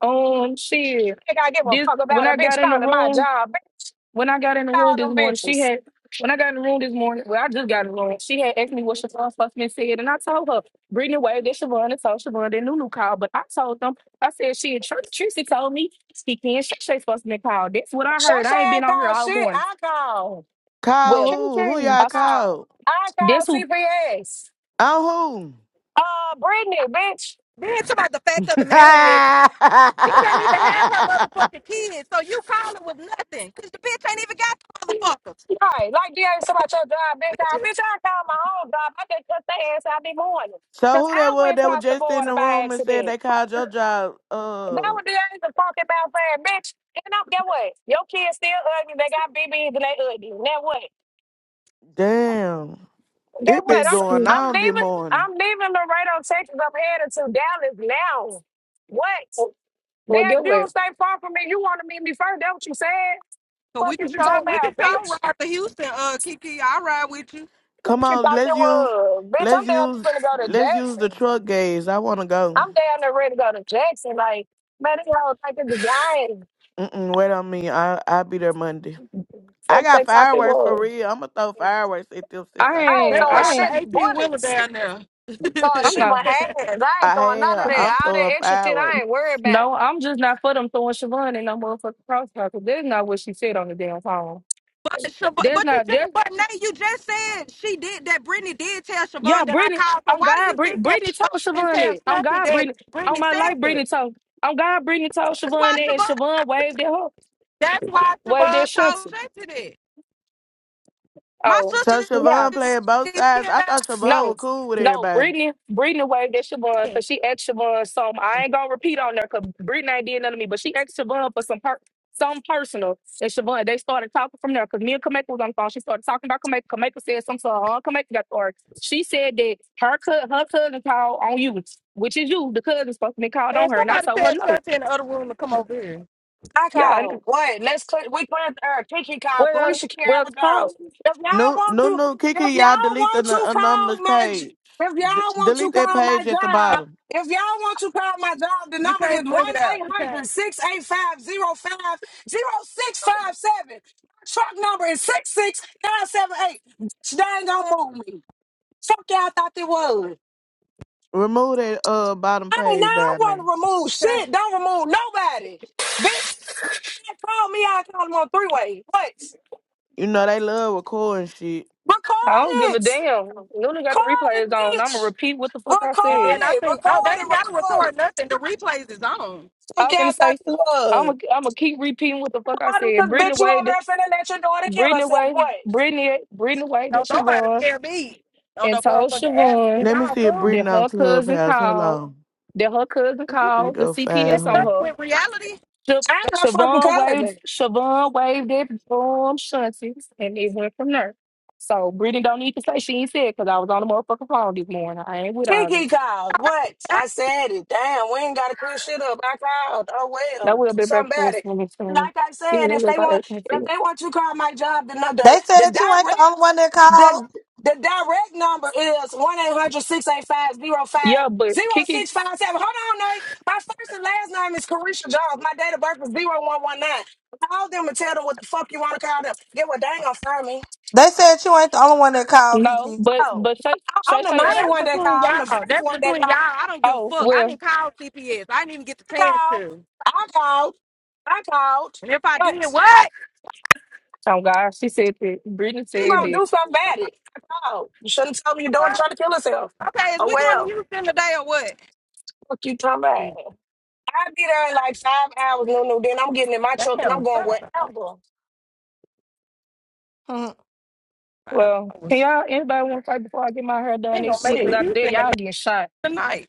Speaker 6: Um, shit.
Speaker 8: Think I give a
Speaker 6: This
Speaker 8: fuck
Speaker 6: when
Speaker 8: about a
Speaker 6: I
Speaker 8: bitch
Speaker 6: got in the
Speaker 8: calling my
Speaker 6: room.
Speaker 8: job. Bitch,
Speaker 6: When I got in the room this
Speaker 8: call them
Speaker 6: morning, she
Speaker 8: bitches.
Speaker 6: had. When I got in the room this morning, well, I just got in the room. She had asked me what Siobhan Fussman said, and I told her, Brittany Wade, that Siobhan and told Siobhan that Nunu called. But I told them, I said, she and Tr- Tracy told me he can't Shay Shay Fussman called. That's what I
Speaker 8: Shay
Speaker 6: heard. I ain't
Speaker 8: Shay
Speaker 6: been
Speaker 8: ain't
Speaker 6: on here
Speaker 8: called
Speaker 6: all
Speaker 8: shit.
Speaker 6: morning.
Speaker 8: I call.
Speaker 10: Call
Speaker 6: Well,
Speaker 8: Kiki
Speaker 10: who? Who
Speaker 6: I,
Speaker 10: y'all
Speaker 6: s-
Speaker 8: call.
Speaker 10: called?
Speaker 8: I call
Speaker 6: that's who.
Speaker 8: CPS.
Speaker 10: On who?
Speaker 8: Uh, Brittany, bitch.
Speaker 1: Then talk about the fact of
Speaker 10: so
Speaker 1: the matter is she doesn't even have her motherfucking kids, so you calling with nothing. Cause the bitch ain't even got the motherfuckers.
Speaker 8: Right. Like, yeah, ain't about your job, bitch.
Speaker 1: Bitch, you
Speaker 8: I, bitch, I call my own job. I just cut their ass out this morning. Because
Speaker 10: who that
Speaker 8: I
Speaker 10: was
Speaker 8: went
Speaker 10: that was
Speaker 8: across the
Speaker 10: just in
Speaker 8: border
Speaker 10: the
Speaker 8: by
Speaker 10: room and said
Speaker 8: accident.
Speaker 10: they called your job?
Speaker 8: That
Speaker 10: Uh,
Speaker 8: what they is a talking mouth, saying, bitch. And up, get what? Your kids still ugly. They got BBs and they ugly. Now what?
Speaker 10: damn.
Speaker 8: Get
Speaker 10: It
Speaker 8: what?
Speaker 10: been
Speaker 8: I'm
Speaker 10: going
Speaker 8: I'm
Speaker 10: on this
Speaker 8: leaving.
Speaker 10: morning.
Speaker 8: I'm leaving Laredo, Texas. I'm headed to Dallas now. What?
Speaker 6: Well,
Speaker 8: Dad,
Speaker 6: get
Speaker 8: you don't
Speaker 6: what?
Speaker 8: stay far from me. You want to meet me first. That what you said?
Speaker 1: So
Speaker 8: Fuck
Speaker 1: we can
Speaker 8: is you
Speaker 1: show
Speaker 8: talking
Speaker 1: we can
Speaker 8: about,
Speaker 1: show
Speaker 8: bitch?
Speaker 1: ride to Houston, uh Kiki. I'll ride with you.
Speaker 10: Come
Speaker 8: What you
Speaker 10: on,
Speaker 8: thought that
Speaker 10: let's use,
Speaker 8: was? Bitch, I'm
Speaker 10: let's
Speaker 8: down there
Speaker 10: use,
Speaker 8: finna go to
Speaker 10: let's use the
Speaker 8: Jackson.
Speaker 10: truck gaze. I wanna go.
Speaker 8: I'm down there ready to go to Jackson. Like, man, these hoes think it's the guy.
Speaker 10: Mm-mm, wait on me. I I'll be there Monday. I
Speaker 8: Fuck
Speaker 10: got
Speaker 8: thinks I think
Speaker 10: fireworks for
Speaker 8: was.
Speaker 10: real. I'm gonna throw fireworks at them since
Speaker 6: I
Speaker 10: I
Speaker 8: I
Speaker 10: can't
Speaker 8: ain't
Speaker 1: Let's
Speaker 6: ain't,
Speaker 10: fight.
Speaker 8: throwing
Speaker 6: I
Speaker 1: ride the
Speaker 6: ain't,
Speaker 8: shit
Speaker 1: eighteen wheeler
Speaker 8: bullets.
Speaker 1: down there.
Speaker 8: So I
Speaker 6: I'm
Speaker 8: shit
Speaker 6: not.
Speaker 8: my hands. I ain't
Speaker 10: I
Speaker 8: throwing none of
Speaker 10: am. I'm
Speaker 8: that. All that
Speaker 10: throwing
Speaker 8: extra shit I
Speaker 10: fireworks.
Speaker 8: ain't worried about.
Speaker 6: No, I'm just not for them throwing Siobhan in no motherfucking crossfire because that's not what she said on the damn phone.
Speaker 1: Sha- but
Speaker 6: There's
Speaker 1: but you
Speaker 6: not there.
Speaker 1: just, but Nate, you just said she did that. Brittany did tell
Speaker 6: Yeah,
Speaker 1: Siobhan that I
Speaker 6: Brittany,
Speaker 1: called. So
Speaker 6: I'm
Speaker 1: why do
Speaker 6: God.
Speaker 1: you
Speaker 6: Brit-
Speaker 1: think that
Speaker 6: Brittany
Speaker 1: Siobhan
Speaker 6: told
Speaker 1: didn't
Speaker 6: Siobhan
Speaker 1: tell
Speaker 6: it. I'm
Speaker 1: Shanti
Speaker 6: God.
Speaker 1: that
Speaker 6: Brittany, on
Speaker 1: Brittany
Speaker 6: my
Speaker 1: said
Speaker 6: life,
Speaker 1: that?
Speaker 6: Brittany told. I'm God. Brittany told
Speaker 1: That's why
Speaker 6: Siobhan it, and
Speaker 1: Siobhan.
Speaker 6: Siobhan waved at her,
Speaker 1: That's why
Speaker 6: waved at
Speaker 1: Siobhan told
Speaker 6: Shanti.
Speaker 1: Shanti that. My
Speaker 6: Oh.
Speaker 1: sister
Speaker 10: So
Speaker 8: Yeah.
Speaker 10: Siobhan
Speaker 1: did
Speaker 10: playing both
Speaker 1: feel
Speaker 10: sides. I thought
Speaker 1: like
Speaker 10: Siobhan was
Speaker 6: No,
Speaker 10: cool with
Speaker 6: no,
Speaker 10: everybody.
Speaker 6: Brittany, Brittany waved at Siobhan
Speaker 1: that.
Speaker 6: because she asked Siobhan some. I ain't gonna repeat on there because Brittany ain't did nothing to me, but she asked Siobhan for some per some personal. And Siobhan, they started talking from there because me and Kameka was on the phone. She started talking about Kameka. Kameka said something to her aunt. Kameka got or she said that her co- her cousin called on you, which is you. The cousin supposed to be called
Speaker 1: Man,
Speaker 6: on her, and I
Speaker 1: somebody
Speaker 6: told her
Speaker 1: tell
Speaker 6: no.
Speaker 1: Shanti in the other room to come over here.
Speaker 8: I
Speaker 6: Yeah, and-
Speaker 8: call what? Let's click we clear uh Kiki call
Speaker 6: well,
Speaker 8: Carisha
Speaker 6: well,
Speaker 8: Carolyn
Speaker 6: call.
Speaker 8: Jones. If y'all
Speaker 10: No,
Speaker 8: want
Speaker 10: no,
Speaker 8: to
Speaker 10: no. Kiki,
Speaker 8: if
Speaker 10: y'all
Speaker 8: y'all
Speaker 10: delete the
Speaker 8: want
Speaker 10: n-
Speaker 8: to call
Speaker 10: anonymous
Speaker 8: my j-
Speaker 10: page.
Speaker 8: if
Speaker 10: D-
Speaker 8: y'all want to
Speaker 10: delete that
Speaker 8: call my
Speaker 10: page at the
Speaker 8: job,
Speaker 10: bottom.
Speaker 8: if y'all want to call my job, the
Speaker 1: You
Speaker 8: number is
Speaker 1: can't bring it
Speaker 8: one
Speaker 1: out.
Speaker 8: eight
Speaker 1: You
Speaker 8: hundred
Speaker 1: can't.
Speaker 8: six eight five zero five zero six five seven. Truck number is 66978. Bitch, They ain't gonna move me. Fuck y'all thought they was.
Speaker 10: Remove that uh bottom
Speaker 8: Hey, now
Speaker 10: page
Speaker 8: I don't
Speaker 10: down
Speaker 8: want
Speaker 10: there.
Speaker 8: to remove shit. Don't remove nobody. Bitch, shit called me. I called him on three way. What?
Speaker 10: You know they love recording shit.
Speaker 6: I
Speaker 8: Record
Speaker 6: don't give a
Speaker 8: it.
Speaker 6: damn. Luna got
Speaker 8: Record
Speaker 6: the
Speaker 8: it,
Speaker 6: replays on. I'm gonna
Speaker 8: bitch.
Speaker 6: repeat what the fuck I
Speaker 1: And
Speaker 6: said.
Speaker 8: Record
Speaker 1: then I
Speaker 8: it.
Speaker 1: think, oh, they
Speaker 8: Record it.
Speaker 1: ain't got to
Speaker 8: Record it.
Speaker 1: record nothing. The replays is on.
Speaker 8: Took
Speaker 6: I'm gonna
Speaker 8: out
Speaker 6: say
Speaker 8: that
Speaker 6: I'm
Speaker 8: love.
Speaker 6: gonna I'm gonna keep repeating what the fuck I
Speaker 8: Called him
Speaker 6: said.
Speaker 8: because
Speaker 6: Brittany
Speaker 8: bitch, you over
Speaker 6: Wade,
Speaker 8: there finna let your daughter kill
Speaker 6: Brittany
Speaker 8: herself.
Speaker 6: Wade,
Speaker 8: What?
Speaker 6: Brittany, Brittany Wade and
Speaker 1: No, nobody
Speaker 6: Siobhan
Speaker 1: scare me on
Speaker 6: and
Speaker 1: the
Speaker 6: told
Speaker 1: motherfucking app. It's
Speaker 6: Siobhan
Speaker 10: Let me
Speaker 1: all
Speaker 10: see if
Speaker 6: that
Speaker 1: cool.
Speaker 10: Brittany on
Speaker 6: her cousin
Speaker 10: Clubhouse. Hold
Speaker 6: called,
Speaker 10: on.
Speaker 6: that her cousin
Speaker 1: Is you
Speaker 10: Let me
Speaker 6: called the
Speaker 1: bitches
Speaker 10: go
Speaker 1: in
Speaker 10: find
Speaker 6: CPS on
Speaker 1: touch
Speaker 10: her.
Speaker 6: her.
Speaker 1: with reality?
Speaker 6: Sha-
Speaker 8: I ain't her fucking
Speaker 6: Siobhan waved,
Speaker 8: cousin.
Speaker 6: Siobhan waved at um Shunties and it went from there. So Brittany don't need to say she ain't said because I was on the motherfucking phone this morning. I ain't with all
Speaker 8: Kiki
Speaker 6: this.
Speaker 8: called. What? I said it. Damn, we ain't gotta clear shit up. I called. Oh
Speaker 6: That
Speaker 8: well, do
Speaker 6: will be
Speaker 8: something about
Speaker 6: breakfast
Speaker 8: it.
Speaker 6: for me soon.
Speaker 8: Like I said,
Speaker 6: Even though it
Speaker 8: if
Speaker 6: look
Speaker 8: they
Speaker 6: like I
Speaker 8: want,
Speaker 6: can see
Speaker 8: if they
Speaker 6: it.
Speaker 8: want you to call my job, then the the,
Speaker 7: They
Speaker 8: the
Speaker 7: said you ain't the only
Speaker 8: direct,
Speaker 7: one that called.
Speaker 8: the the direct number is one eight hundred six eight five zero five
Speaker 6: Yeah, but
Speaker 8: zero
Speaker 6: Kiki
Speaker 8: six five seven. Hold on, Nate. My first and last name is Carisha Jones. My date of birth is 0119. Call them and tell them what the fuck you want to call them. Get what they ain't gonna find me.
Speaker 7: They said you ain't the only one that called,
Speaker 6: No,
Speaker 7: Kiki.
Speaker 6: but
Speaker 8: Oh,
Speaker 6: but Shay Shay
Speaker 8: I'm the
Speaker 6: Shay.
Speaker 1: Well,
Speaker 8: main
Speaker 1: that's
Speaker 8: one
Speaker 6: sh-
Speaker 8: that
Speaker 1: between
Speaker 6: sh-
Speaker 8: call. I'm
Speaker 1: y'all.
Speaker 8: the
Speaker 1: Oh,
Speaker 8: first
Speaker 1: That's
Speaker 8: one that
Speaker 1: between
Speaker 8: call.
Speaker 1: y'all. I don't give a
Speaker 6: Oh
Speaker 1: fuck. I
Speaker 6: well.
Speaker 1: didn't call CPS. I didn't even get the chance
Speaker 8: called.
Speaker 1: to.
Speaker 8: I called. I called.
Speaker 1: And if I
Speaker 8: But
Speaker 1: did, what?
Speaker 6: Oh God, she said that. Brittany
Speaker 8: you
Speaker 1: Shit.
Speaker 6: said
Speaker 8: gonna
Speaker 1: What
Speaker 6: that.
Speaker 8: do something
Speaker 1: the
Speaker 8: about it. I called. You should not tell me your daughter
Speaker 1: fuck?
Speaker 8: trying to kill herself.
Speaker 1: Okay, is
Speaker 8: Oh
Speaker 1: we going to
Speaker 8: well,
Speaker 1: Houston today or what?
Speaker 8: what you talking about? I'll be there in like five hours, no no, then I'm getting in my truck and I'm
Speaker 1: Damn.
Speaker 8: going
Speaker 1: Five hours.
Speaker 8: wherever.
Speaker 1: Five
Speaker 6: Well, can
Speaker 1: hours.
Speaker 6: y'all anybody want to fight before I get my hair done
Speaker 1: Ain't gonna
Speaker 6: next
Speaker 1: make
Speaker 6: week?
Speaker 1: it
Speaker 6: Cause
Speaker 1: to
Speaker 8: See.
Speaker 6: out there
Speaker 1: Houston
Speaker 6: y'all getting shot.
Speaker 1: tonight.